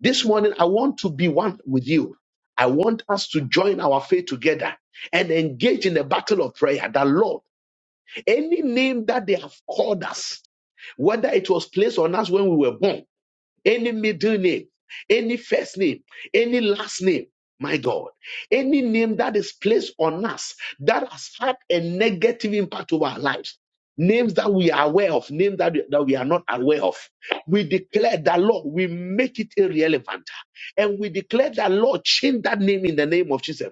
This morning, I want to be one with you. I want us to join our faith together and engage in the battle of prayer. That Lord, any name that they have called us, whether it was placed on us when we were born, any middle name, any first name, any last name. My God, any name that is placed on us that has had a negative impact over our lives, names that we are aware of, names that, that we are not aware of, we declare that, Lord, we make it irrelevant. And we declare that, Lord, change that name in the name of Jesus.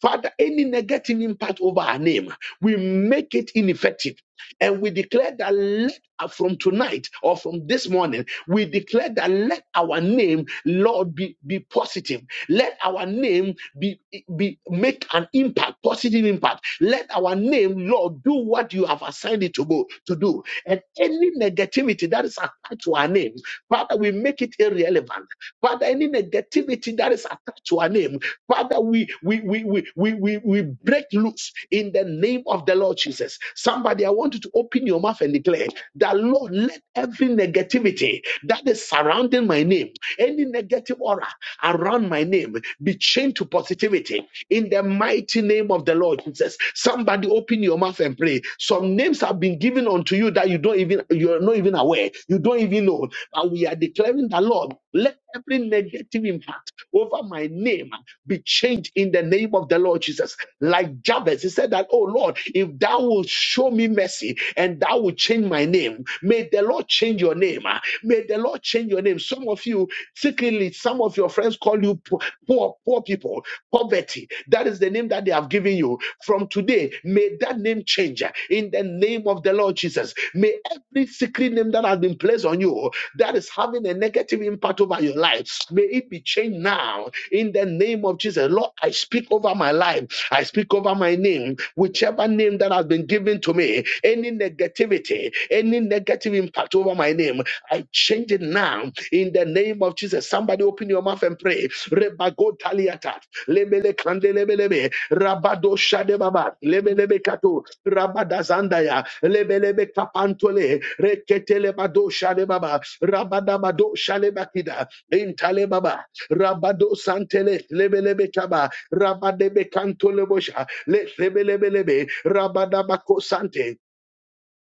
Father, any negative impact over our name, we make it ineffective. And we declare that, uh, from tonight or from this morning, we declare that let our name, Lord, be, be positive. Let our name be, be make an impact, positive impact. Let our name, Lord, do what you have assigned it to, go, to do. And any negativity that is attached to our name, Father, we make it irrelevant. Father, any negativity that is attached to our name, Father, we we we we we we, we break loose in the name of the Lord Jesus. Somebody, I want you to open your mouth and declare. That Lord, let every negativity that is surrounding my name, any negative aura around my name, be changed to positivity in the mighty name of the Lord Jesus. Somebody open your mouth and pray. Some names have been given unto you that you don't even you're not even aware, you don't even know. And we are declaring the Lord, let every negative impact over my name be changed in the name of the Lord Jesus. Like Jabez, he said that, Oh Lord, if thou will show me mercy and thou will change my name, may the Lord change your name. ah. May the Lord change your name. Some of you, secretly, some of your friends call you po- poor, poor people, poverty. That is the name that they have given you. From today, may that name change ah, in the name of the Lord Jesus. May every secret name that has been placed on you that is having a negative impact over your life, may it be changed now in the name of Jesus. Lord, I speak over my life. I speak over my name, whichever name that has been given to me, any negativity, any negative impact over my name, I change it now in the name of Jesus. Somebody open your mouth and pray. Rebago taliata, lebele kande lebelebe, rabado shade baba, lebelebe kato, rabada zandaya, lebelebe kapantole, reketele bado shade baba, rabada bado shale bakida, intale baba, rabado santele, lebelebe kaba, Rabadebe Cantolebosha, Let Rebelebelebe, Rabadabako Sante,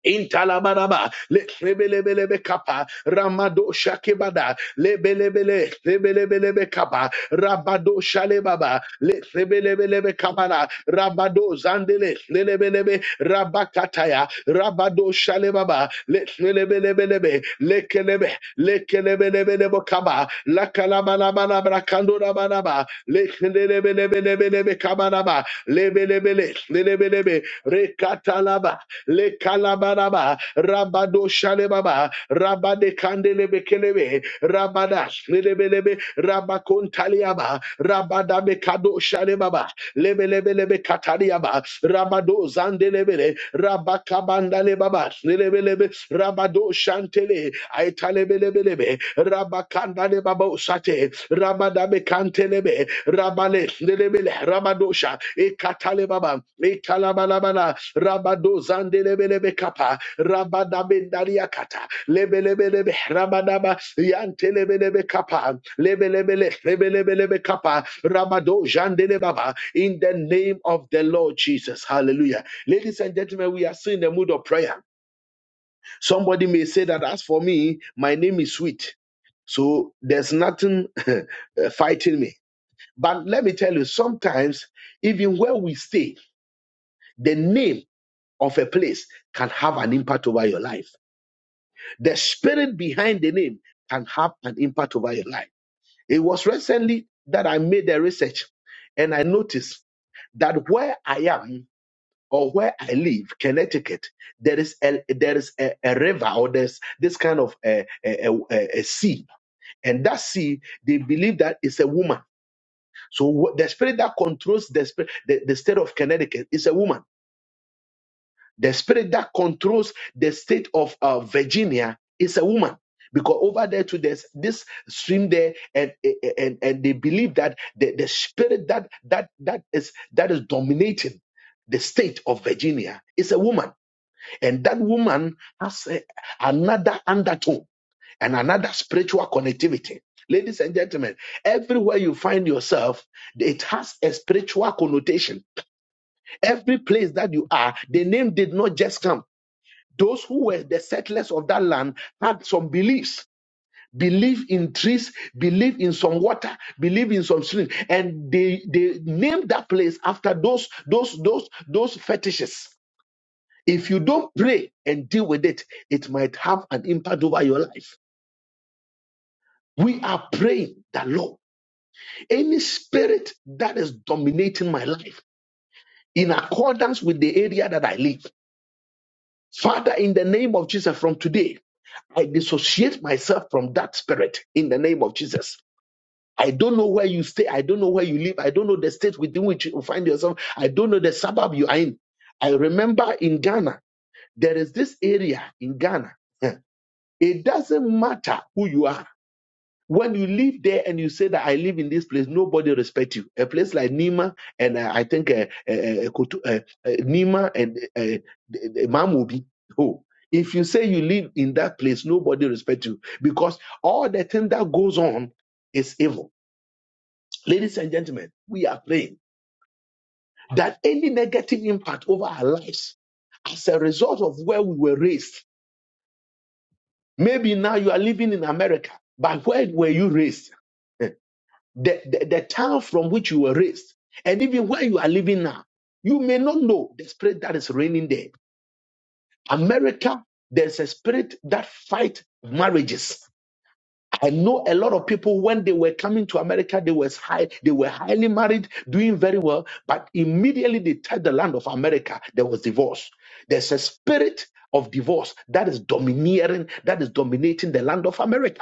Intalabaraba, le lebelebelebe kapa, ramado shakebada, lebelebele, lebelebelebe kapa, rabado shalebaba, le lebelebelebe kabara, rabado zandele, lebelebe, rabakataya, rabado shalebaba, le lebelebelebe, lekelebe, lekelebelebelebe kaba, lakalabalabalabra kandorabalaba, le lebelebelebelebe kabaraba, lebelebele, lebelebe, rekatalaba, le kalabaraba rabado shalebaba rabade kandele bekelebe rabadash lebelebe rabakontaliaba rabada bekado shalebaba lebelebelebe kataliaba rabado zandelebele rabakabanda lebaba lebelebe rabado shantele aitalebelebelebe rabakanda lebaba usate rabada bekantelebe rabale lebele rabadosha ekatalebaba Rabado zandelebelebe kapa, rabadabendaria kata, lebelebelebe, rabadaba, yantelebelebe kapa, lebelebele, lebelebelebe kapa, rabado jandelebaba, In the name of the Lord Jesus. Hallelujah. Ladies and gentlemen, we are still in the mood of prayer. Somebody may say that as for me, my name is sweet. So there's nothing [LAUGHS] fighting me. But let me tell you, sometimes, even where we stay, the name of a place can have an impact over your life. The spirit behind the name can have an impact over your life. It was recently that I made a research and I noticed that where I am or where I live, Connecticut, there is a, there is a, a river or there's this kind of a, a, a, a- sea. And that sea, they believe that it's a woman. So wh- the spirit that controls the, spirit, the, the state of Connecticut is a woman. The spirit that controls the state of uh, Virginia is a woman. Because over there to this this stream there, and and and they believe that the, the spirit that that that is that is dominating the state of Virginia is a woman, and that woman has a- another undertone and another spiritual connectivity. Ladies and gentlemen, everywhere you find yourself, it has a spiritual connotation. Every place that you are, the name did not just come. Those who were the settlers of that land had some beliefs. Believe in trees, believe in some water, believe in some stream, and they they named that place after those those those those fetishes. If you don't pray and deal with it, it might have an impact over your life. We are praying that Lord, any spirit that is dominating my life in accordance with the area that I live, Father, in the name of Jesus, from today. I dissociate myself from that spirit in the name of Jesus. I don't know where you stay. I don't know where you live. I don't know the state within which you find yourself. I don't know the suburb you are in. I remember in Ghana, there is this area in Ghana. [LAUGHS] It doesn't matter who you are when you live there and you say that I live in this place, nobody respect you. A place like Nima and uh, I think uh, uh, uh, Kotu- uh, uh, Nima and uh, uh, Mamubi. Oh, if you say you live in that place, nobody respect you because all the thing that goes on is evil. Ladies and gentlemen, we are praying that any negative impact over our lives as a result of where we were raised. Maybe now you are living in America, but where were you raised? [LAUGHS] the, the, the town from which you were raised, and even where you are living now, you may not know the spirit that is reigning there. America, there's a spirit that fight marriages. I know a lot of people when they were coming to America, they was high, they were highly married, doing very well, but immediately they touched the land of America, there was divorce. There's a spirit of divorce that is domineering, that is dominating the land of America.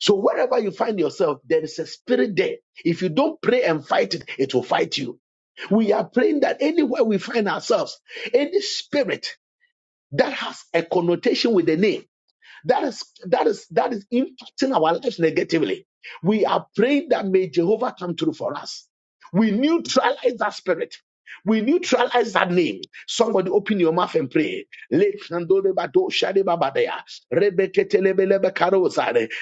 So wherever you find yourself, there is a spirit there. If you don't pray and fight it, it will fight you. We are praying that anywhere we find ourselves, any spirit that has a connotation with the name, that is that is that is impacting our lives negatively. We are praying that may Jehovah come through for us. We neutralize that spirit. We neutralize that name. Somebody open your mouth and pray.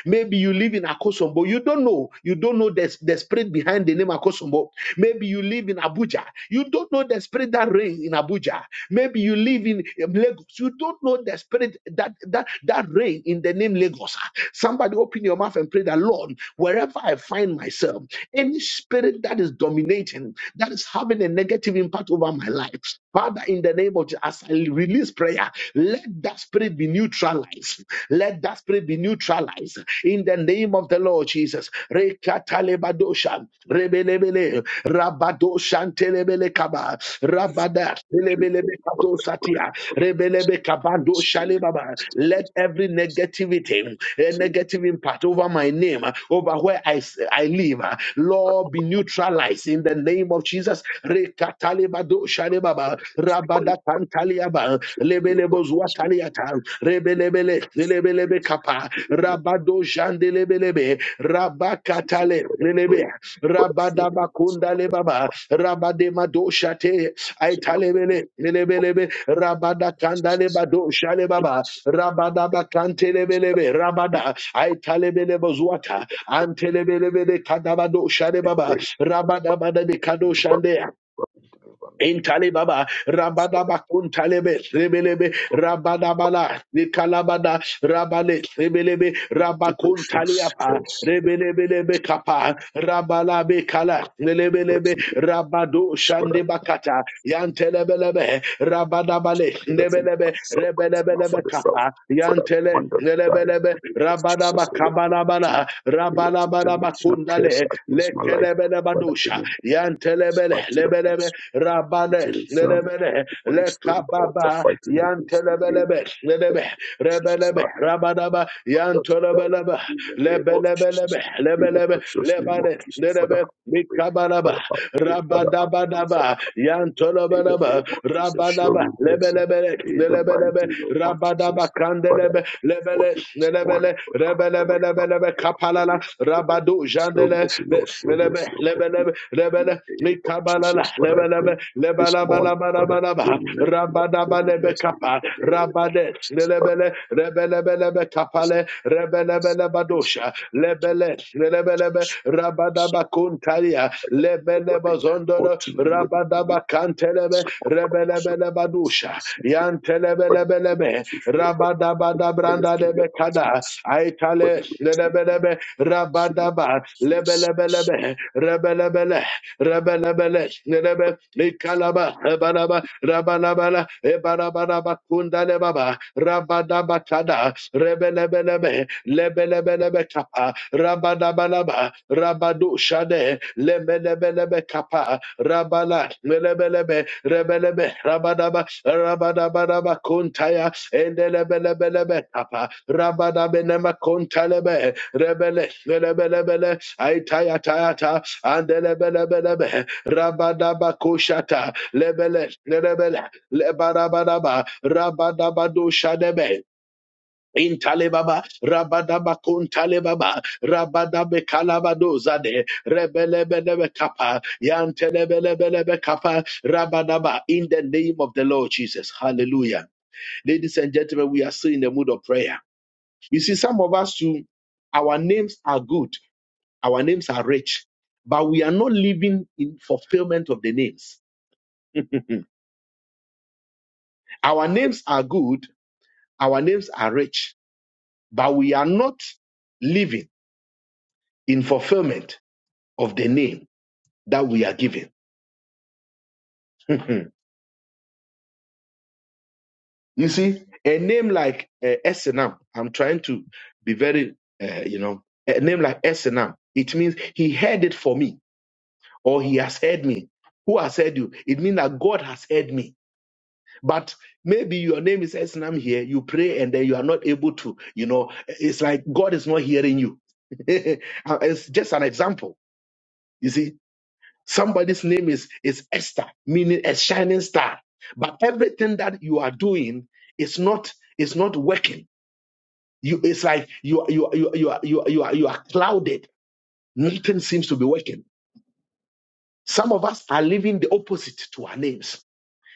Maybe you live in Akosombo. You don't know. You don't know the, the spirit behind the name Akosombo. Maybe you live in Abuja. You don't know the spirit that reigns in Abuja. Maybe you live in um, Lagos. You don't know the spirit that that that reign in the name Lagos. Ah, Somebody open your mouth and pray that Lord, wherever I find myself, any spirit that is dominating, that is having a negative impact over my life, Father, in the name of Jesus, as I release prayer, let that spirit be neutralized. Let that spirit be neutralized in the name of the Lord Jesus. Rekatalebadoshan, rebelebele, rabadoshan telebele kaba, rabada, the truth of telebelebe God, kato I pray. satia, rebelebe kabando shalebaba. Still, Let every It's negativity, a to it's negative impact over my name, uh, over where I, s- I live. uh, Lord, be neutralized in the name of Jesus. Rekatalebado shalebaba, it's to fight rabadakantaliaba, to feel like it's made lebelebozwataliata, rebelebele, the lebelebe bridge kapa, usually make the rabado jandelebelebe, decisions rabakatale, For that lelebe, break, but I feel the emotion for that rabadabakundalebaba, rabademadosha so young that aitalebele, the lelebelebe, politicians rabadakandalebado shalebaba, it's Rabada bakantelebelebe rabada aitalebelebe zuata antelebelebe kadabado a shadebaba break rabada bada in bikado the rubber shandea running down by me. Intali baba It's rabada bakun talebe rebelebe whatever rabada bala nikalabada rabale rebelebe rabakun liberation of taliapa scarce rebelebelebe kapa Rabalabe Kala, Nelebelebe, person Rabado is what I Shande Yantelebelebe, Rabadabale, did as in Nebelebe, myself, but it's in my Rebelebelebe father's self Kappa, for that Yantele, one that died in Nelebelebe, the name of Rabadaba Jesus, I repent to Kabalabala, elected Rabalabalaba generational curse Kundale, against my life, Father, Lekelebelebadusha, amen. Yantelebele, Lebelebe, It is Rabale, other's son, Nelebele, one extreme of the Lekababa, fighting against the name Yantelebelebe, that Nelebe, is Rebelebe, society Rabadaba, and that of God. Yantolebelebe, In the name of Jesus, Lebelebelebe, in the Lebelebe, precious name of lebane Jesus, Father, nerebe I pray, mikabaraba Father, I pray, Father, I pray, Father, rabadabadaba I pray. In the yantolobanaba name of Jesus, show rabadaba me mercy. lebelebele In the nelebelebe mighty name of rabadaba Jesus, Father, I kandelebe come before lebele you this morning, nelebele Father, have the way, have the rebelebelebelebe way, have the way, kapalala have the way. rabadu Show jandele mercy, le- Lord, show mercy, O God. lebelebe In lebele the name of mikabalala Jesus, Father, I pray lebelebe this morning, Father, show lebalabalabalaba me mercy, Lord, show rabadaba me lebe mercy. In kapa the name of rabade Jesus, Father. lebele rebelebelebe kapale rebelebelebe lebele lebelebe rabadaba kuntalia lebelebe zondoro rabadaba kantelebe rebelebelebe dosha yantelebelebelebe rabadaba dabranda lebe kada aitale lebelebe rabadaba lebelebelebe rebelebele Rabalabala, Nerebe, Nikalaba, Ebalaba, Rabalabala, Ebarabaraba, Kundalebaba, Rabadabatada, Rebelebelebe, Lebelebelebe Kappa, Rabadabalaba, Rabadu Shade, Lebelebelebe Kappa, Rabala, Melebelebe, Rebelebe, Rabadaba, Rabadabaraba Kuntaya, Endelebelebelebe Kappa, Rabadabenema Kuntalebe, Rebele, rebelebele, aitaya tayata, andelebelebelebe, rabadaba koshata, lebele, lebele, lebarabadaba, rabadabado shadebe. Intalebaba, Rabadaba Kuntalebaba, Rabadabe Kalabadozade, Rebelebelebe Kappa, Yantelebelebelebe Kappa, Rabadaba, in the name of the Lord Jesus. Hallelujah. Ladies and gentlemen, we are still in the mood of prayer. You see, some of us too, our names are good, our names are rich, but we are not living in fulfillment of the names. [LAUGHS] Our names are good, our names are rich, but we are not living in fulfillment of the name that we are given. [LAUGHS] you see, a name like uh, SNM, I'm trying to be very, uh, you know, a name like SNM, it means he heard it for me or he has heard me. Who has heard you? It means that God has heard me. But maybe your name is Esnam here, you pray and then you are not able to, you know, it's like God is not hearing you. [LAUGHS] it's just an example. You see, somebody's name is, is Esther, meaning a shining star. But everything that you are doing is not is not working. You it's like you you you you are you are, you are, you are clouded. Nothing seems to be working. Some of us are living the opposite to our names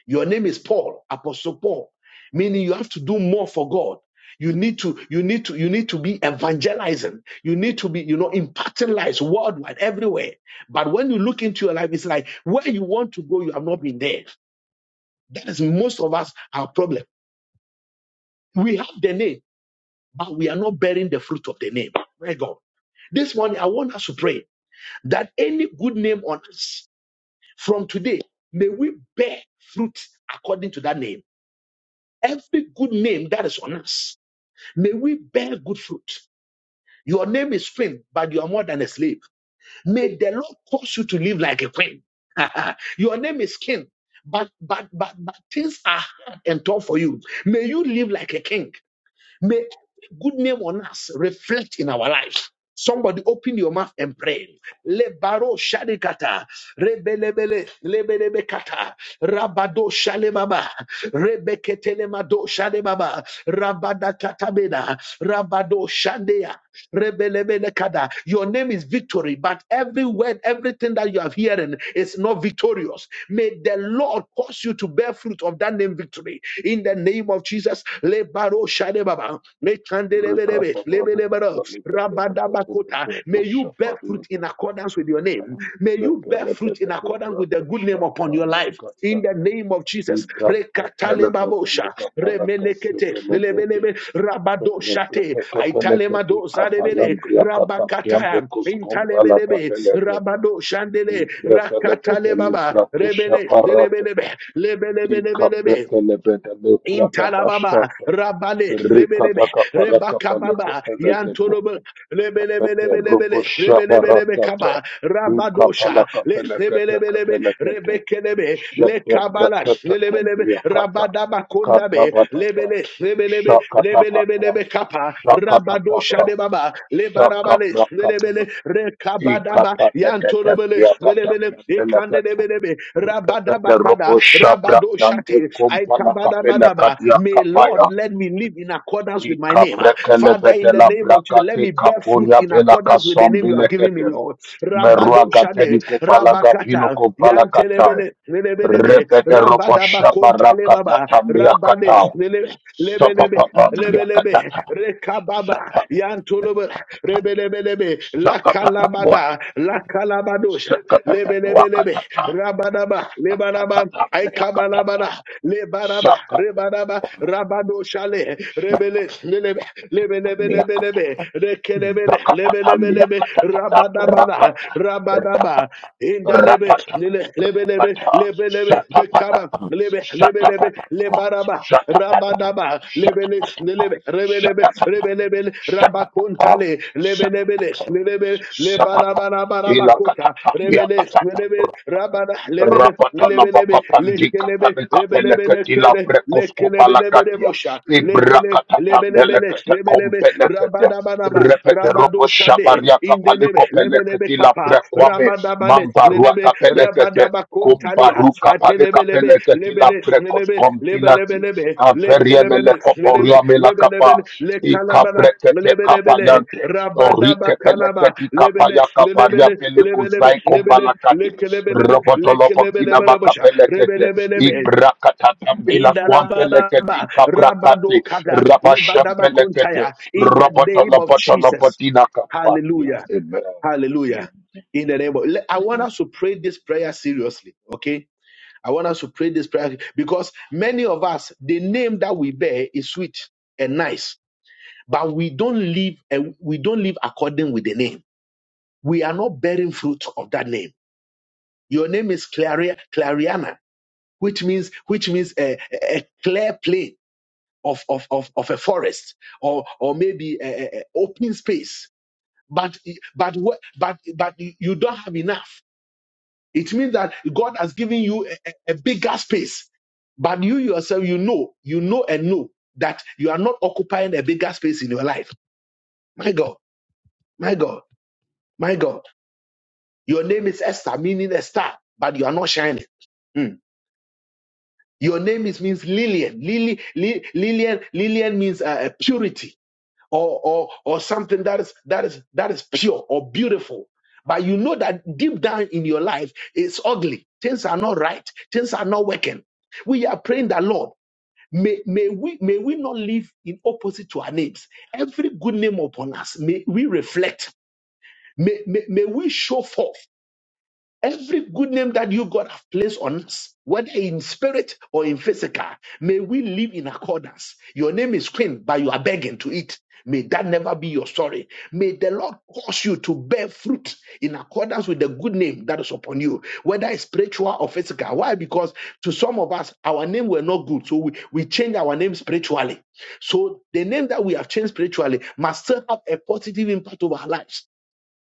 Your name is Paul, Apostle Paul, meaning you have to do more for God. You need to, you need to, you need to be evangelizing. You need to be, you know, impacting lives worldwide, everywhere. But when you look into your life, it's like where you want to go, you have not been there. That is most of us our problem. We have the name, but we are not bearing the fruit of the name. My God. This morning, I want us to pray that any good name on us from today, may we bear fruit according to that name Every good name that is on us, may we bear good fruit. Your name is Queen, but you are more than a slave. May the Lord cause you to live like a queen. [LAUGHS] Your name is King, but but but but things are hard and tough for you. May you live like a king. May good name on us reflect in our lives. Somebody open your mouth and pray. Le shadikata, rebelebele, lebelebekata, rabado shalebaba, rebeketelemado shalebaba, rabadakatabeda, rabado shandea, Rebelebelekada. Your name is victory, but every word, everything that you are hearing is not victorious. May the Lord cause you to bear fruit of that name victory. In the name of Jesus, Lebaro Shadebaba, Lekandelebelebe, Rekataka Lebelebero, Rabadabakota. may you bear fruit in accordance with your name. May you bear bear fruit in accordance with the good name upon your life. In the name of Jesus. Rekatalebabosha, remelekete, lelebelebe, rabadoshate, aitalemadozadebede, rabakataya, intalebelebe, rabadoshandele, rakatalebaba, rebele, lelebelebe, lebelebelebelebe, Intalababa, Rabale, Lebelebe, paraka paleko Rebakababa, pelekete Yantorobe, Pepe Rupu Lebelebelebelebele, Shabarakata, Lebelebelebekaba, Rabadosha, Kapalaka Le- Pelekata Lebelebelebe, Kapelekata, Rebekelebe, Shakta Lekabala, Brekata Lebelebe, Kambriakata, Rabadabakondabe, Katabatata, Lebele, Lebelebe, Shakatapata, Lebelebelebekapa, Rabadosha Shakatapata, de Baba, Lebarabale, Shakaprakata, Lebele, Rekabadaba, Ikatata Yantorobele, Kambriakata Lebele, Kambelekata, Ekandebelebe, Pepe Rupu Rabadabakada, Shabrakande Rabadoshate, I Kumpana Kabada Kapelekatia May Lord Kapaya, let me live in accordance with my name. Ah, Ikabrekele Father, in the Petela name of Jesus, let Brakate me bear fruit Kapuria in Belaka accordance with the name you have given me, Sombilekete, Lord. Rabado Meruaga Shade, teliko palaga Rabakata, finoko palakatai. Yantelebele, Lelebelebe, Repete rofo Rabadaba shabarakata Kontalebaba, tambia Rabade, katao. Lebelebe. Sapapapa Lebelebe, yakatata. Rekababa, Sapapapa. Yantolobe, Rebelebelebe, La Sakapapa wat. Calabada, La Calabadosha, Sakapapa Lebelebelebe, wakatata. Rabadaba, Lebanaba, Sakapapa yakatata. Aikabalabada, Lebaraba, Sakapapa. Rebaraba, Rabado Shale, Rebele, Lelebe, Lebelebelebelebe, Rekelebele, Lebelebelebe, Rabadabana, Rabadaba, Indalebe, Lele, Lebelebe, Lebelebe, Dekaba, Lebe, Lebelebe, Lebaraba, Rabadaba, Lebele, Lebe, Rebelebe, Rebelebe, Rabacontale, Lebelebele, Lebele, Lebalabarabarabacota, Rebele, Lebele, Rabada, Lebele, Rapata la boca Lebelebe, pandika, Lekelebe, panika Rebelebe, peleketi la Lekede, prekosko Lekelebelebe, palakatia. Lebosha, lebelebele, Ibrakatambelekete lebelebe, kompelekete rabadabanaba, repete robo rabadoshade, shabaria indelebe, kapaliko lebelebe pelekete la kapa, prekwame rabadabale, mambarua lelebe, kapelekete rabadabakontalia, kumbaru kapale atelebelebe, kapelekete la lebele, prekos lelebe, kompilati lebelebelebe, averie mele lekelebele, lelebe, koporia mela kapa lebelebele, lekalabala, ikabrekete lebelebele, kapayante orike rabadabakalaba, pelekete lebele, kapaya kaparia lebele, lebelebe, pelekuzai lebele, kombalakate lekelebelebe, robotolopo lekelebelebe, kinama rabosha, kapelekete rebelebelebe, in Ibrakatambila the kwampeleketi Labadaba, kaprakati Rabadokada, Lebadaba rapashempelekete Kontaya, in the name of Jesus. rapatalapatina kapatia. Hallelujah. Amen. Hallelujah. In the name of, Le- I want us to pray this prayer seriously. Okay. I want us to pray this prayer because many of us, the name that we bear is sweet and nice, but we don't live and we don't live according with the name. We are not bearing fruit of that name. Your name is Claria, Clariana, which means, which means a, a a clear plain of, of, of, of a forest or, or maybe a, a a open space, but, but, wh- but, but you don't have enough. It means that God has given you a, a a bigger space, but you yourself, you know, you know and know that you are not occupying a bigger space in your life. My God, my God, my God. Your name is Esther, meaning a star, but you are not shining. Mm. Your name is means Lillian. Lily, Li- Lillian, Lillian means uh, uh, purity. or or or something that is that is that is pure or beautiful but you know that deep down in your life it's ugly things are not right things are not working we are praying that lord may, may we may we not live in opposite to our names every good name upon us may we reflect may, may, may we show forth Every good name that you, God, have placed on us, whether in spirit or in physical, may we live in accordance. Your name is Queen, but you are begging to eat. May that never be your story. May the Lord cause you to bear fruit in accordance with the good name that is upon you, whether it's spiritual or physical. Why? Because to some of us, our name were not good. So we, we change our name spiritually. So the name that we have changed spiritually must still have a positive impact over our lives.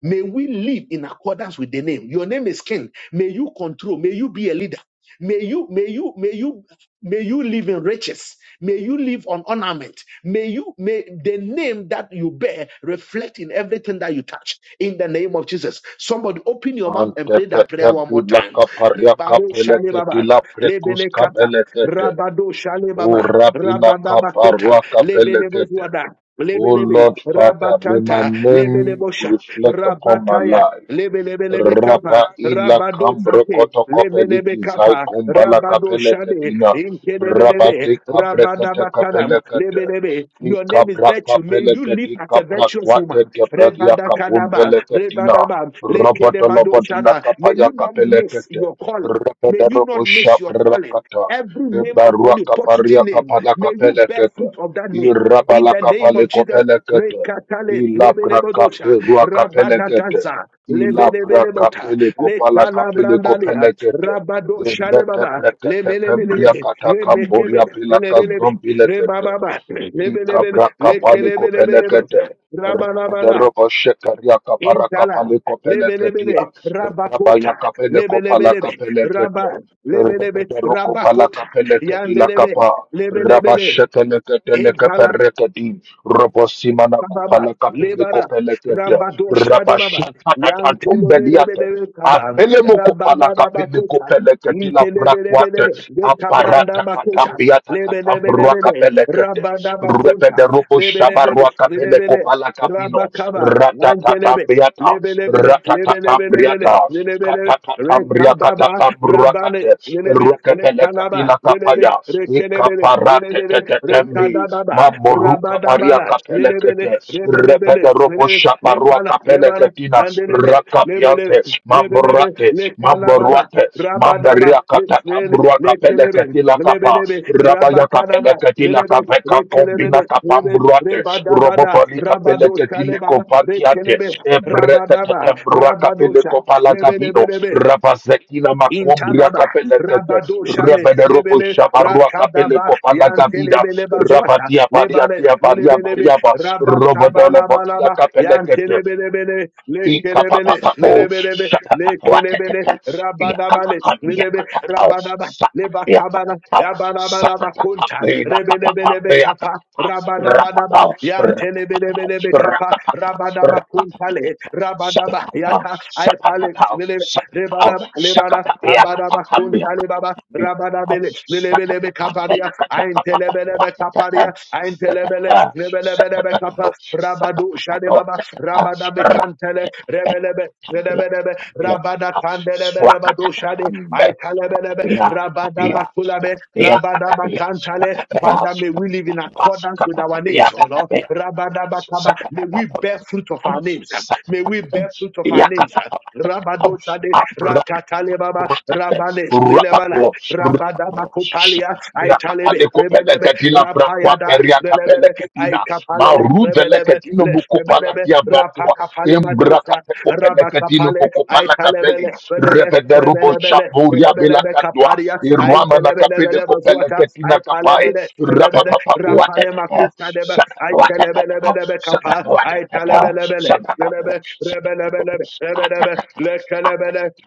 May we live in accordance with the name. Your name is King. May you control. May you be a leader. May you, may you, may you, may you live in riches. May you live on ornament. May you, may the name that you bear reflect in everything that you touch. In the name of Jesus. Somebody open your mouth and pray that prayer one more Antetetebila time. kaparia Lebaro shale kapeleketi baba, la prekus lebele kata, kapelekete. rabado shale baba, Urabila rabadabakota, kaparua lebele kapelekete. bozuada, O lebelebe, Lord Father, may my rabakanta, name lebelebosha. reflect upon my Rabataya, life. Lebelebelebe Kappa, Rapa ila Rabado kambro Sate, koto kopeli Lebelebe kizai Kappa, kumbala Rabado kapele Shade, ketina. Rapa Inkelebelebe, te kabre kete Rabadabatadam, kapele kete. Lebelebe. I Your name is kapra virtue. May kapele you live keti as a kapra virtuous kwate woman. keberia Rebada Kadaba, kapumpele ketina. Rebadaba, Roboto Lekedebado lobotina Shada. May kapaya you not kapele miss kete. your calling. May you Repedero not miss your calling. ushakrakata. Every name upon Barua you, positive kaparia name, kapala may you kapele bear kete. fruit of that name. In Irabala the name kapale of Jesus, kopele kete. Rekatale, Ilabra kape Lebelebodosha, rua kapele kete. Rabadaganza, Ilabra Lebelebelebota, kapele kopala kapele kopele Lekalabrandalia, kete. Rabadosha Irete Lebaba, prekete kembria Lemelebelebe, kata kamboria Remekebe, pila Lebelebe, kazombile kete. Rebababa, Lebelebe, Ikabrakapaliko pelekete. Lekelebelebelebosa, Rabalabala, Rakaderoko shekariaka Intala, parakapaliko peleketia. lebelebele, rabakota, Rabayaka peleko palaka lebelebelebe, pelekete. rabba, lebelebe, Rakaderoko palaka rabakota, peleketi yandelebe, lakapa. lebelebele, Rabashekelekete intala. lekepereketi. Robosimana Baba, kupala kapele Lebara, kopele kete. Rabadosha de Baba, Rabashata katatumbeliate. Yantelebelebelebe Kaban, Afele mukupala Rabada kapele Bakota, kopele kete la brakwate. Intelebelebelebe, the Tabranda Aparata Bakoshan, katambiata katambrua Lebelebelebele, kapele kete. Rabada Repede Bakuntam, robo Lebelebele, shabarua kapele Lebele, kopala kapino. Rabakaban, Antelebe, Ratatatambiata. Lebelebele, Ratatatambriata. Lebelebelebele, Rekababa, Rabale, Katatatamriakatatamrakate, Lelebe, Rekanaba, Rukatalekatila Lelebe, kapaya Katakatambriakatatamrakate, Rukatelekatilakapaya, Rekelebele, Lelebele, Ikaparatetetetembi, Rekadababa, Rabadabala, Lelebele, Mamborukapariakapelekete, Rebelebele, Lelebe, Lekala, Lebala, and Repederoposhaparuakapeleketina, Lelebe, Lebele, Rakapiante, Lebelebe, Mamborate, Lekalababa. Mamboruate, Rabadaba, Lifel, Lekelebe, Lebelebe, Mamberiakatatamruakapeleketilakapa, Rabakanaba, kapeleketila Lelebe, kaveka kombina Rekelebe, Lebe, kapambruate Rebadabada, robopoli Rabado kapeleketile Shalebaba, kopatiate Rabadaba, ebreketetembrua Rabadosa, kapeleko palakavino Lebelebelebe, ravazekina makombria Intababa, kapelekete Rabado Shale, rebeneropo Lebele, shabarua Rakadaba, kapeleko palakavina Yantelebele Bazuata, rabadia baria Lebale, dia baria Lebelebe, bariaba robodolo bokila Rabakabalabalaba, kapelekete Yantelebelebele, Lekelebele, Ikapapapapo, Lebelebe, Lekelebele, shakakakwatatata, Rabadabale, Lebe, yakakakamiakatatao, Rabadaba, Lebakabana, sakamiakatatao, Yabanabanaba Kunta, Rebelebelebe Kappa, sakakakamiakapapamiakatata, Rabadabadaba, rapapao, rapapapao, Yantelebelebelebe Kappa, rakapapao, Rabadaba Kuntale, rakapapapao, Rabadaba shakakakao, Yaka, shakakakao, Aepale, shakakao, Lebada, Lebada, Abadaba Kunta shakakamiakatatamiakatatamiatatao, Lebaba, Rabada Bele, Lelebelebe Kaparia, Aintelebelebe Kaparia, Aintelebele, Lebelebelebe Kapa, Rabadu Shadebaba, Rabada Bekantele, Rebelebe, Lebelebe, Rabada Tandelebeleba Dushade, swakatatambe, Aitalebelebe, Rabada Bakulabe, Rabada Bakantale, Father, may we live in accordance with our names, O Lord. Rabada Bakaba, may we bear fruit of our names. May we bear fruit of our names. Rabado Sade, abra- Rakatale Baba, Rabane, Lilebana, rapapo, Rabadaba Kupalia, Aitalebe, Yakatale kopele Rebelebe, ketila prakwa Rapayada, peria kapele Lelebele, ketina. Aikapalele, Marudele Rebelebe, ketino Les mukopala Rebelebe, kia batua. Rapakapale Embra madusa, kate kopele ketino Rabakapale, mukopala kapeli. Aitalebele, Rebelebe, Repede rubo Rebelebele, shaburia bela Rebelebe katua. Kaparia, Irwama na kapele Aintelebele kopele Bazuata, ketina kapai. Aipalebele, Rebele, Rapapapapua Rapale tetete. Makusa Deba, Aintelebele Kapa, Aitalebele, Rebelebe, Rebelebe, let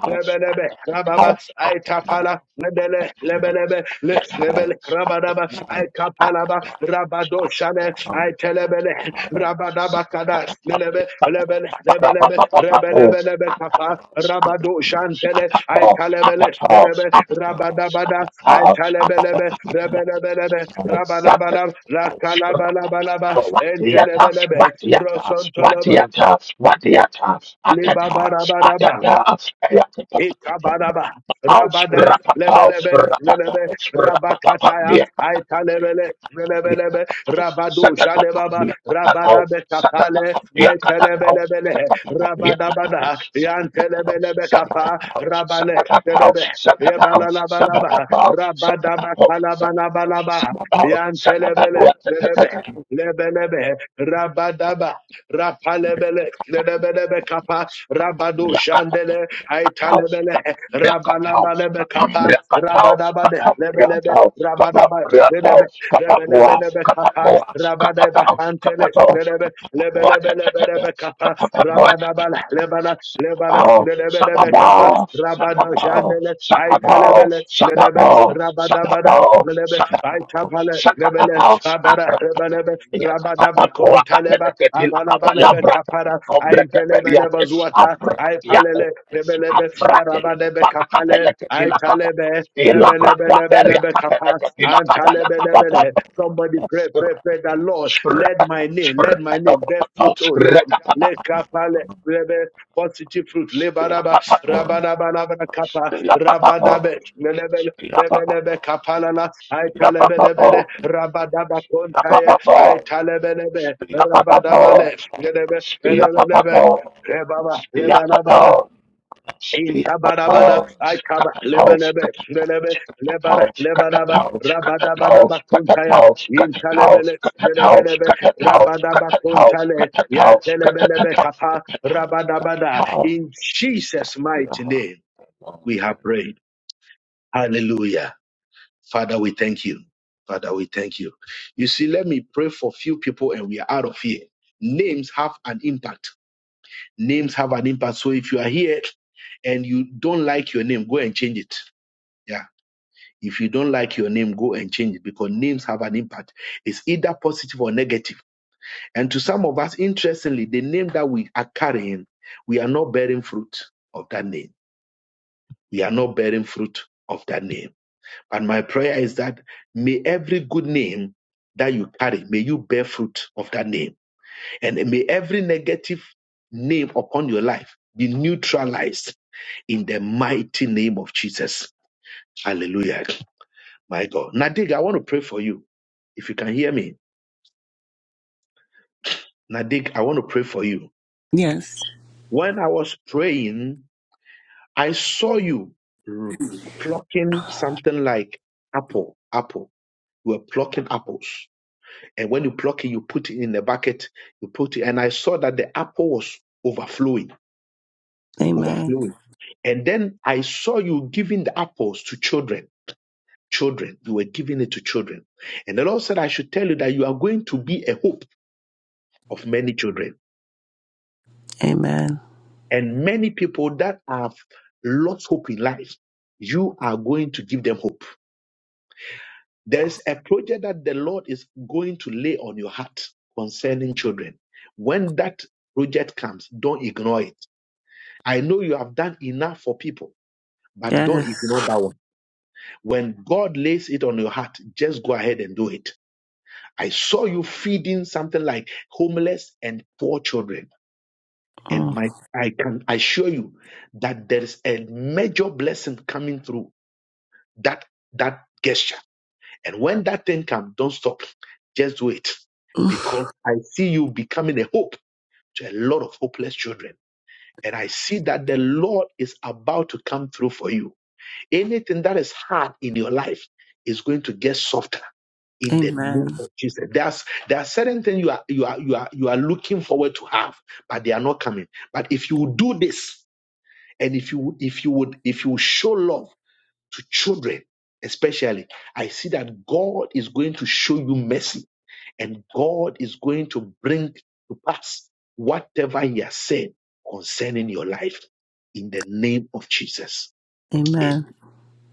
Lebelebe, Rababa, Aitapala, Lebele, Lebelebe, Let Lebele, Rabadaba, Aikapalaba, Rabado Shane, Aitelebele, Rabadaba Kada, Lebe, Lebele, Lebelebe, Rebelebelebe Kapa, Rabado Shantele, Aitalebele, Lebe, Rabadabada, Aitalebelebe, Rebelebelebe, Rabalabala, Lakalabalabalaba, Entelebelebe, Rosontolaba, libabarabaraba, Ikabadaba, Rabade, Lebelebe, Lelebe, Rabakataya, Aitalebele, Lelebelebe, Rabadu, Jalebaba, Rabadabe Kapale, Aitalebelebele, Rabadabada, Yantelebelebe Kapa, Rabale, Lelebe, Yebalalabalaba, Rabadaba Kalabalabalaba, Yantelebele, Lelebe, Lebelebe, Rabadaba, Rapalebele, Lelebelebe Kapa, Rabadu, Jandele, I talebele rabalabalebe kapa rabadabade lebelebe rabadaba lebelebe lebelebelebe kapa rabadeba kantele lebelebe lebelebe lebelebe kapa rabadabala lebana lebana lebelebe kapa rabado jandele I talebele lebelebe rabadabada lebelebe I tapale lebele abara lebelebe Shania rabadaba tatata mua kontaleba kapele ketila abana kapaya balebe mbra kapara kate I kombre telebele kapeliate. bazuata Avra I kiako. palele rebelebe, arabalebe kapale, aitalebe, rebelebelebelebe kapa, antalebelebele. Somebody pray, pray, pray that Lord, let my name, let my name bear fruit, oh Lord. Rekatata. Let kapale, rebe, positive fruit, lebaraba, rabanabanabana kapa, rabadabe, lelebele, rebelebe kapalala, aitalebelebele, rabadaba kontaye, aitalebelebe, rabadabale, lelebe, lelebelebe, in tabarabada, I cover lebelebe lelebe, lebara, lebaraba, rabadabadaba kuntaya, in talebele, lelebelebe, rabadaba kuntale, ya telebelebe kapa, rabadabada. In Jesus' mighty name, we have prayed. Hallelujah. Father, we thank you. Father, we thank you. You see, let me pray for few people and we are out of here. Names have an impact Names have an impact. So if you are here and you don't like your name, go and change it. Yeah. If you don't like your name, go and change it because names have an impact. It's either positive or negative. And to some of us, interestingly, the name that we are carrying, we are not bearing fruit of that name. We are not bearing fruit of that name. But my prayer is that may every good name that you carry, may you bear fruit of that name. And may every negative name upon your life be neutralized in the mighty name of Jesus. Hallelujah. My God. Nadig, I want to pray for you. If you can hear me, Nadig, I want to pray for you. Yes. When I was praying, I saw you r- plucking something like apple, apple. You were plucking apples. And when you pluck it, you put it in the bucket, you put it, and I saw that the apple was overflowing, Amen. overflowing. And then I saw you giving the apples to children children. You were giving it to children. And the Lord said, I should tell you that you are going to be a hope of many children Amen. and many people that have lost hope in life. You are going to give them hope. There's a project that the Lord is going to lay on your heart concerning children. When that project comes, don't ignore it. I know you have done enough for people, but Yes. don't ignore that one. When God lays it on your heart, just go ahead and do it I saw you feeding something like homeless and poor children. And Mm. [SIGHS] my I can assure you that there is a major blessing coming through that that gesture. And when that thing comes, don't stop. Just do it. Mm. Because I see you becoming a hope to a lot of hopeless children. And I see that the Lord is about to come through for you Anything that is hard in your life is going to get softer in the name Amen. of Jesus. There's there are certain things you are you are you are you are looking forward to have, but they are not coming. But if you do this, and if you if you would if you show love to children, especially, I see that God is going to show you mercy, and God is going to bring to pass whatever He has said concerning your life in the name of Jesus. Amen.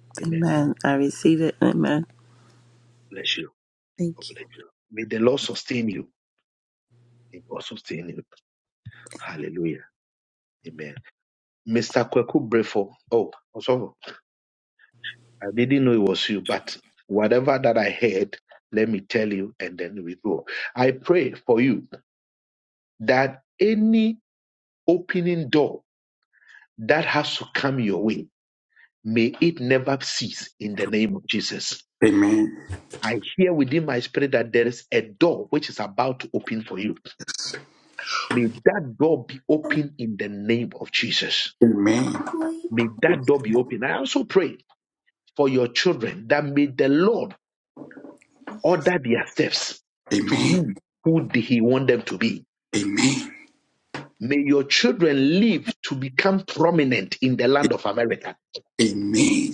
Amen. Amen. I receive it. Amen. Bless you. Thank you. God bless you. May the Lord sustain you. May God sustain you. Hallelujah. Amen. Mr. Kweku Brefo. Oh, also, I didn't know it was you, but whatever that I heard, let me tell you, and then we go. I pray for you that any opening door that has to come your way, may it never cease in the name of Jesus. Amen. I hear within my spirit that there is a door which is about to open for you. May that door be open in the name of Jesus. Amen. May that door be open. I also pray for your children that may the Lord order their steps Amen. to be Amen. who He want them to be. Amen. May your children live to become prominent in the land of America. Amen.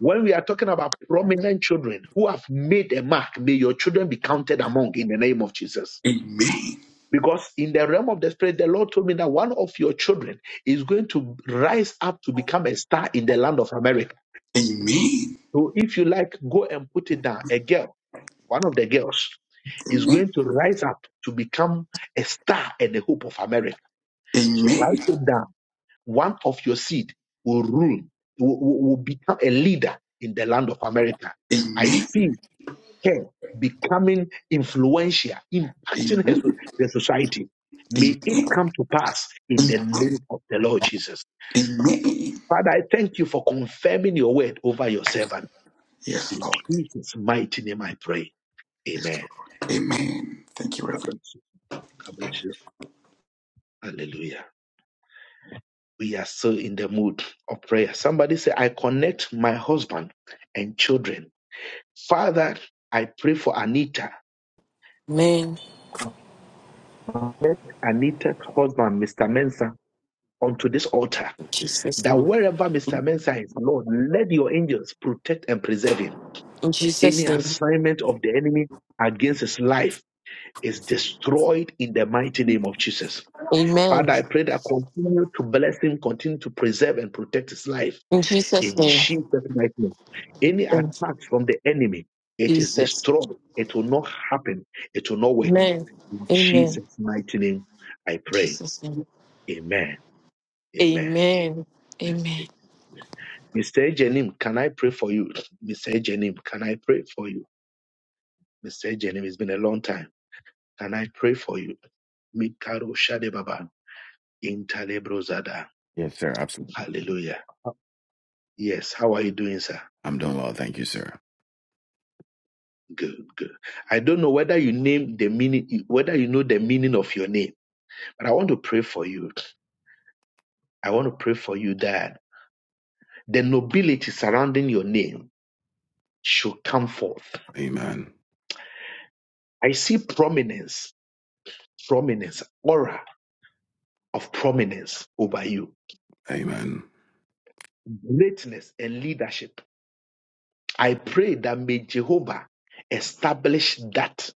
When we are talking about prominent children who have made a mark, may your children be counted among in the name of Jesus. Amen. Because in the realm of the spirit, the Lord told me that one of your children is going to rise up to become a star in the land of America. Amen. So if you like, go and put it down. A girl one of the girls is Amen. going to rise up to become a star and the hope of America. Amen. So write it down. One of your seed will rule, will, will- will become a leader in the land of America. I see her becoming influential, Amen. impacting her, so- the society. May it Amen. come to pass in the Amen. name of the Lord Jesus. Amen. Father, I thank you for confirming your word over your servant. Yes, In Lord. Jesus' mighty name I pray. Yes, Amen. Lord. Amen. Thank you, God Reverend. bless you. God bless you. Hallelujah. We are so in the mood of prayer. Somebody say, I connect my husband and children. Father, I pray for Anita. Amen. Connect Anita's husband, Mr. Mensah, onto this altar. In Jesus' That name. wherever Mr. Mensah is, Lord, let your angels protect and preserve him. In Any Jesus' name. assignment of the enemy against his life is destroyed in the mighty name of Jesus. Amen. Father, I pray that continue to bless him, continue to preserve and protect his life In Jesus' in name. Jesus' mighty name. Any Thank you, attack from the enemy, it is Jesus. destroyed. It will not happen. It will not work. Amen. In Amen. Jesus' mighty name, I In pray. Jesus' name. Amen. Amen. Amen. Amen. Amen. Amen. Mr. Jenim, can I pray for you? Mr. Jenim, can I pray for you? Mr. Jenim, it's been a long time. Can I pray for you? Mikaro Shadebaba, Intalebro Zada. Yes, sir. Absolutely. Hallelujah. Yes, how are you doing, sir? I'm doing well. Thank you, sir. Good, good. I don't know whether you name the meaning, whether you know the meaning of your name, but I want to pray for you. I want to pray for you that the nobility surrounding your name should come forth. Amen. I see prominence, prominence, aura of prominence over you, Amen. greatness and leadership. I pray that may Jehovah establish that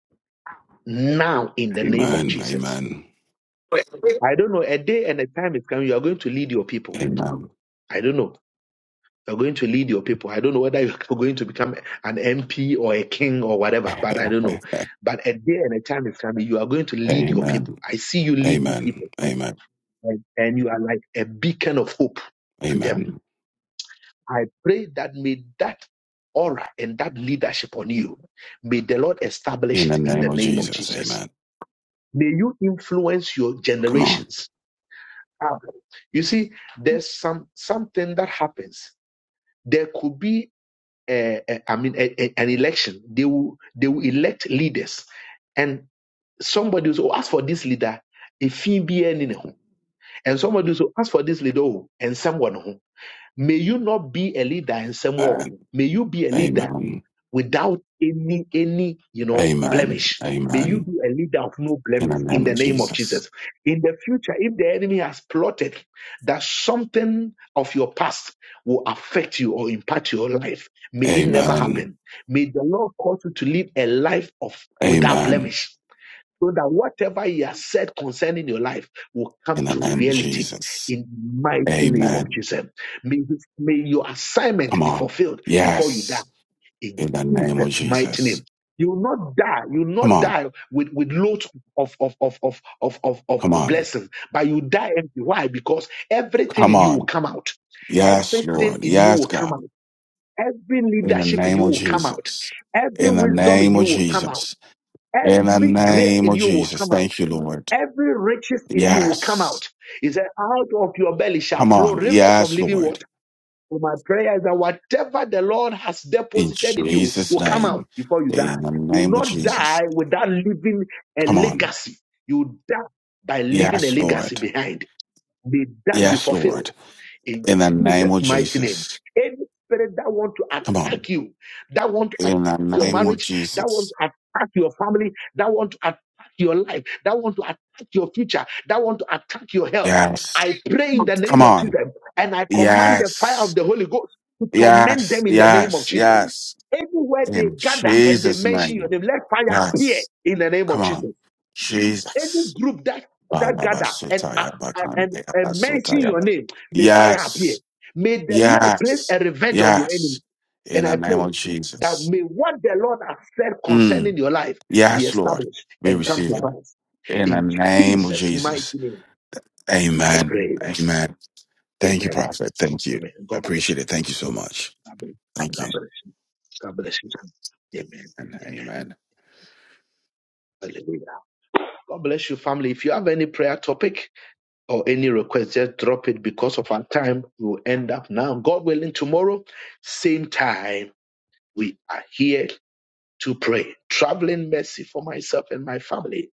now in the name of Amen. Jesus. Amen. I don't know, a day and a time is coming, you are going to lead your people. Amen. I don't know You're going to lead your people. I don't know whether you're [LAUGHS] going to become an MP or a king or whatever, but I don't know. But a day and a time is coming. You are going to lead your people. Amen. I see you leading Amen. people, Amen. and, and you are like a beacon of hope to them. Amen. I pray that may that aura and that leadership on you, may the Lord establish In the it in name the of name of Jesus. Jesus. Amen. May you influence your Come on. generations. Ah, You see, there's some something that happens. There could be uh, uh, I mean, a, a- an election. They will they will elect leaders, and somebody will say, "Oh, ask for this leader." If he be any no ho." and somebody will say, ask for this leader oh, and someone who may you not be a leader in some war. And May you be a leader amen. without any any you know Amen. blemish. May you Amen. be a leader of no In blemish the in name of the name of Jesus. Jesus. In the future, if the enemy has plotted that something of your past will affect you or impact your life, may it never Amen. happen. May the Lord cause you to live a life of without Amen. blemish. So that whatever he has said concerning your life will In come the to the name of reality Jesus. in the mighty name of Amen. Jesus. May, may your Come assignment be on. fulfilled before you die Yes. in In the name of Jesus' mighty Jesus. name. You will not die. You will Come not on. die with, with loads of, of, of, of, of, of, of Come on. blessings, but you die empty. Why? Because everything Come in you will on. come out. Yes, Everything Lord. in you Yes, will God. come out. Every In the leadership in name you of will come out. Jesus. Every In the wisdom name in of you will come out. Jesus. In the Every grace name in of you will Jesus. come out. Thank you, Lord. Every riches in you will come Yes. out. He said, out of your belly shall Come flow on. rivers of Yes, living water. Lord. So my prayer is that whatever the Lord has In deposited in you Jesus' will come name. out before you In die. the You will name of not Jesus. die without leaving a Come on. legacy. You die by leaving a Yes, legacy Lord. behind. May that be Yes, fulfilled Lord. in In the name Jesus' of mighty name. Jesus. Any spirit that want to Come on. attack you, that want to In the attack your name of marriage, that want Jesus. to attack your family, that want to attack your life, that want to attack your future, that want to attack your health. Yes. I pray in the Come name of on. Jesus and I command the fire of Yes. the Holy Ghost to torment Yes. them in the name of Yes. Jesus. Yes. Anywhere they In gather and they Jesus' mention your name. name, let fire Yes. appear in the name Come of on. Jesus. Any Jesus. group that that gather and uh, Balabasotaya uh, and, bakande and mention abasotaya your ba- name, may fire appear. Yes. May the Lord place Yes. a revenge on your Yes. enemy. In And I the name pray of that Jesus. may what the Lord has said Mm. concerning your life be Yes, Lord. established We and come receive to it. pass. In the In name of Jesus' mighty Jesus. name, I Amen. pray. Amen. Thank you, Amen. Prophet. Thank you. Amen. I God bless appreciate you. it. Thank you so much. God bless Thank you. God bless you. God bless you. Amen. And Amen. amen. Hallelujah. God bless you, family. If you have any prayer topic, or any request, just drop it because of our time. We'll end up now. God willing, tomorrow, same time, we are here to pray. Traveling mercy for myself and my family.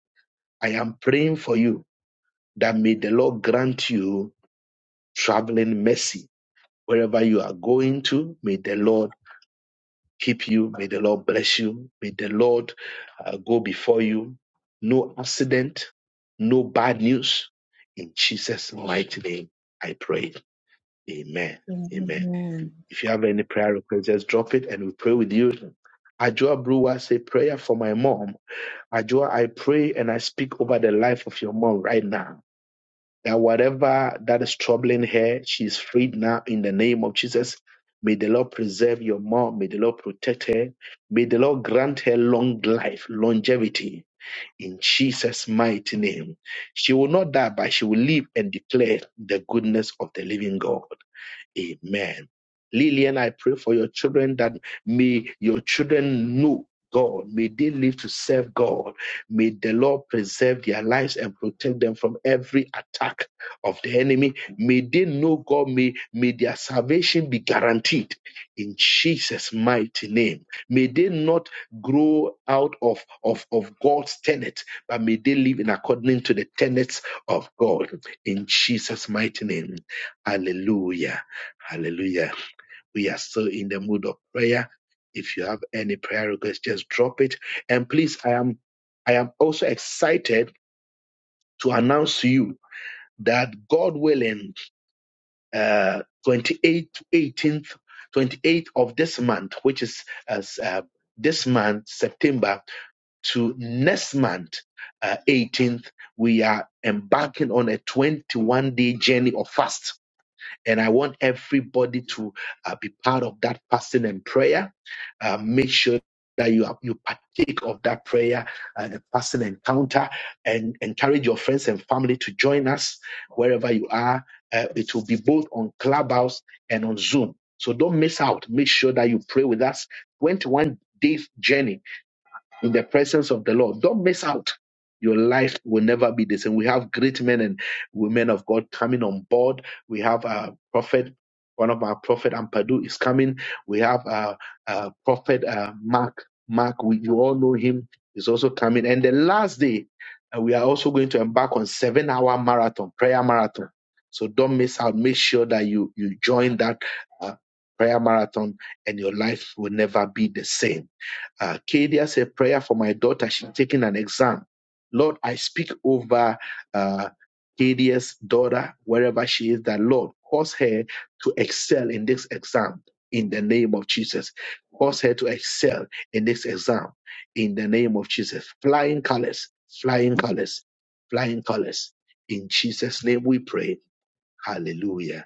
I am praying for you that may the Lord grant you traveling mercy wherever you are going to. May the Lord keep you. May the Lord bless you. May the Lord uh, go before you. No accident, no bad news. In Jesus' mighty name, I pray. Amen. Amen. Amen. If you have any prayer request, just drop it and we pray with you. Ajua Brewer say prayer for my mom. Ajua, I pray and I speak over the life of your mom right now. That whatever that is troubling her, she is freed now in the name of Jesus. May the Lord preserve your mom. May the Lord protect her. May the Lord grant her long life, longevity in Jesus' mighty name. She will not die, but she will live and declare the goodness of the living God. Amen. Lillian, I pray for your children that may your children know God. May they live to serve God. May the Lord preserve their lives and protect them from every attack of the enemy. May they know God. May, may their salvation be guaranteed in Jesus' mighty name. May they not grow out of, of, of God's tenet, but may they live in accordance to the tenets of God in Jesus' mighty name. Hallelujah. Hallelujah. We are still in the mood of prayer. If you have any prayer requests, just drop it. And please, I am I am also excited to announce to you that God willing, uh, 28th, 18th, 28th of this month, which is as uh, this month, September, to next month, uh, 18th, we are embarking on a 21 day journey of fast And I want everybody to uh, be part of that fasting and prayer. Uh, make sure that you are, you partake of that prayer and the fasting encounter, and encourage your friends and family to join us wherever you are. Uh, it will be both on Clubhouse and on Zoom. So don't miss out. Make sure that you pray with us. 21 days journey in the presence of the Lord. Don't miss out. Your life will never be the same. We have great men and women of God coming on board. We have a prophet, one of our prophet Ampadu is coming. We have a, uh prophet uh, Mark. Mark, we, you all know him, is also coming. And the last day, uh, we are also going to embark on seven-hour marathon, prayer marathon. So don't miss out. Make sure that you you join that uh, prayer marathon, and your life will never be the same. Kadia said, prayer for my daughter. She's taking an exam. Lord, I speak over uh, Arcadia's daughter, wherever she is, that Lord, cause her to excel in this exam in the name of Jesus. Cause her to excel in this exam in the name of Jesus. Flying colors, flying colors, flying colors. In Jesus' name we pray. Hallelujah.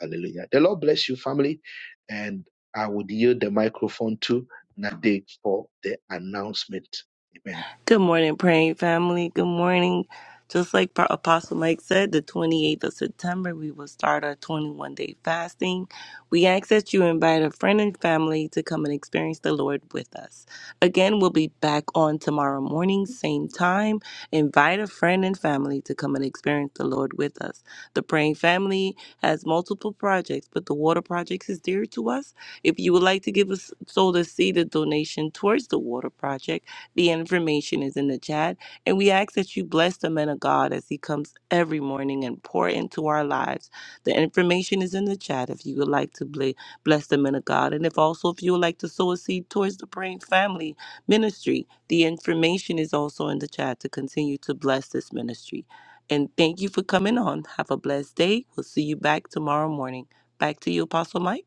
Hallelujah. The Lord bless you, family. And I would yield the microphone to Nade for the announcement. Amen. Good morning, praying family. Good morning. Just like Pa- Apostle Mike said, the 28th of September, we will start our 21 day fasting. We ask that you invite a friend and family to come and experience the Lord with us. Again, we'll be back on tomorrow morning, same time. Invite a friend and family to come and experience the Lord with us. The praying family has multiple projects, but the water projects is dear to us. If you would like to give us sow the seed, a donation towards the water project, the information is in the chat. And we ask that you bless the man of God as he comes every morning and pour into our lives. The information is in the chat if you would like to ble- bless the man of God. And if also if you would like to sow a seed towards the Praying Family Ministry, the information is also in the chat to continue to bless this ministry. And thank you for coming on. Have a blessed day. We'll see you back tomorrow morning. Back to you, Apostle Mike.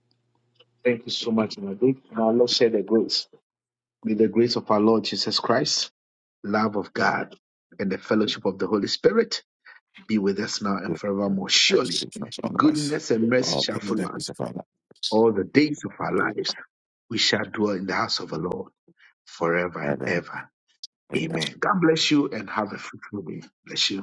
Thank you so much, Nade. May our Lord share the grace. May the grace of our Lord Jesus Christ, love of God, and the fellowship of the Holy Spirit be with us now and forevermore. Surely, Receive us, all of us. goodness and mercy All shall of the follow us days of our lives. all the days of our lives. We shall dwell in the house of the Lord forever and Forever. ever. Amen. God bless you and have a fruitful day. Bless you.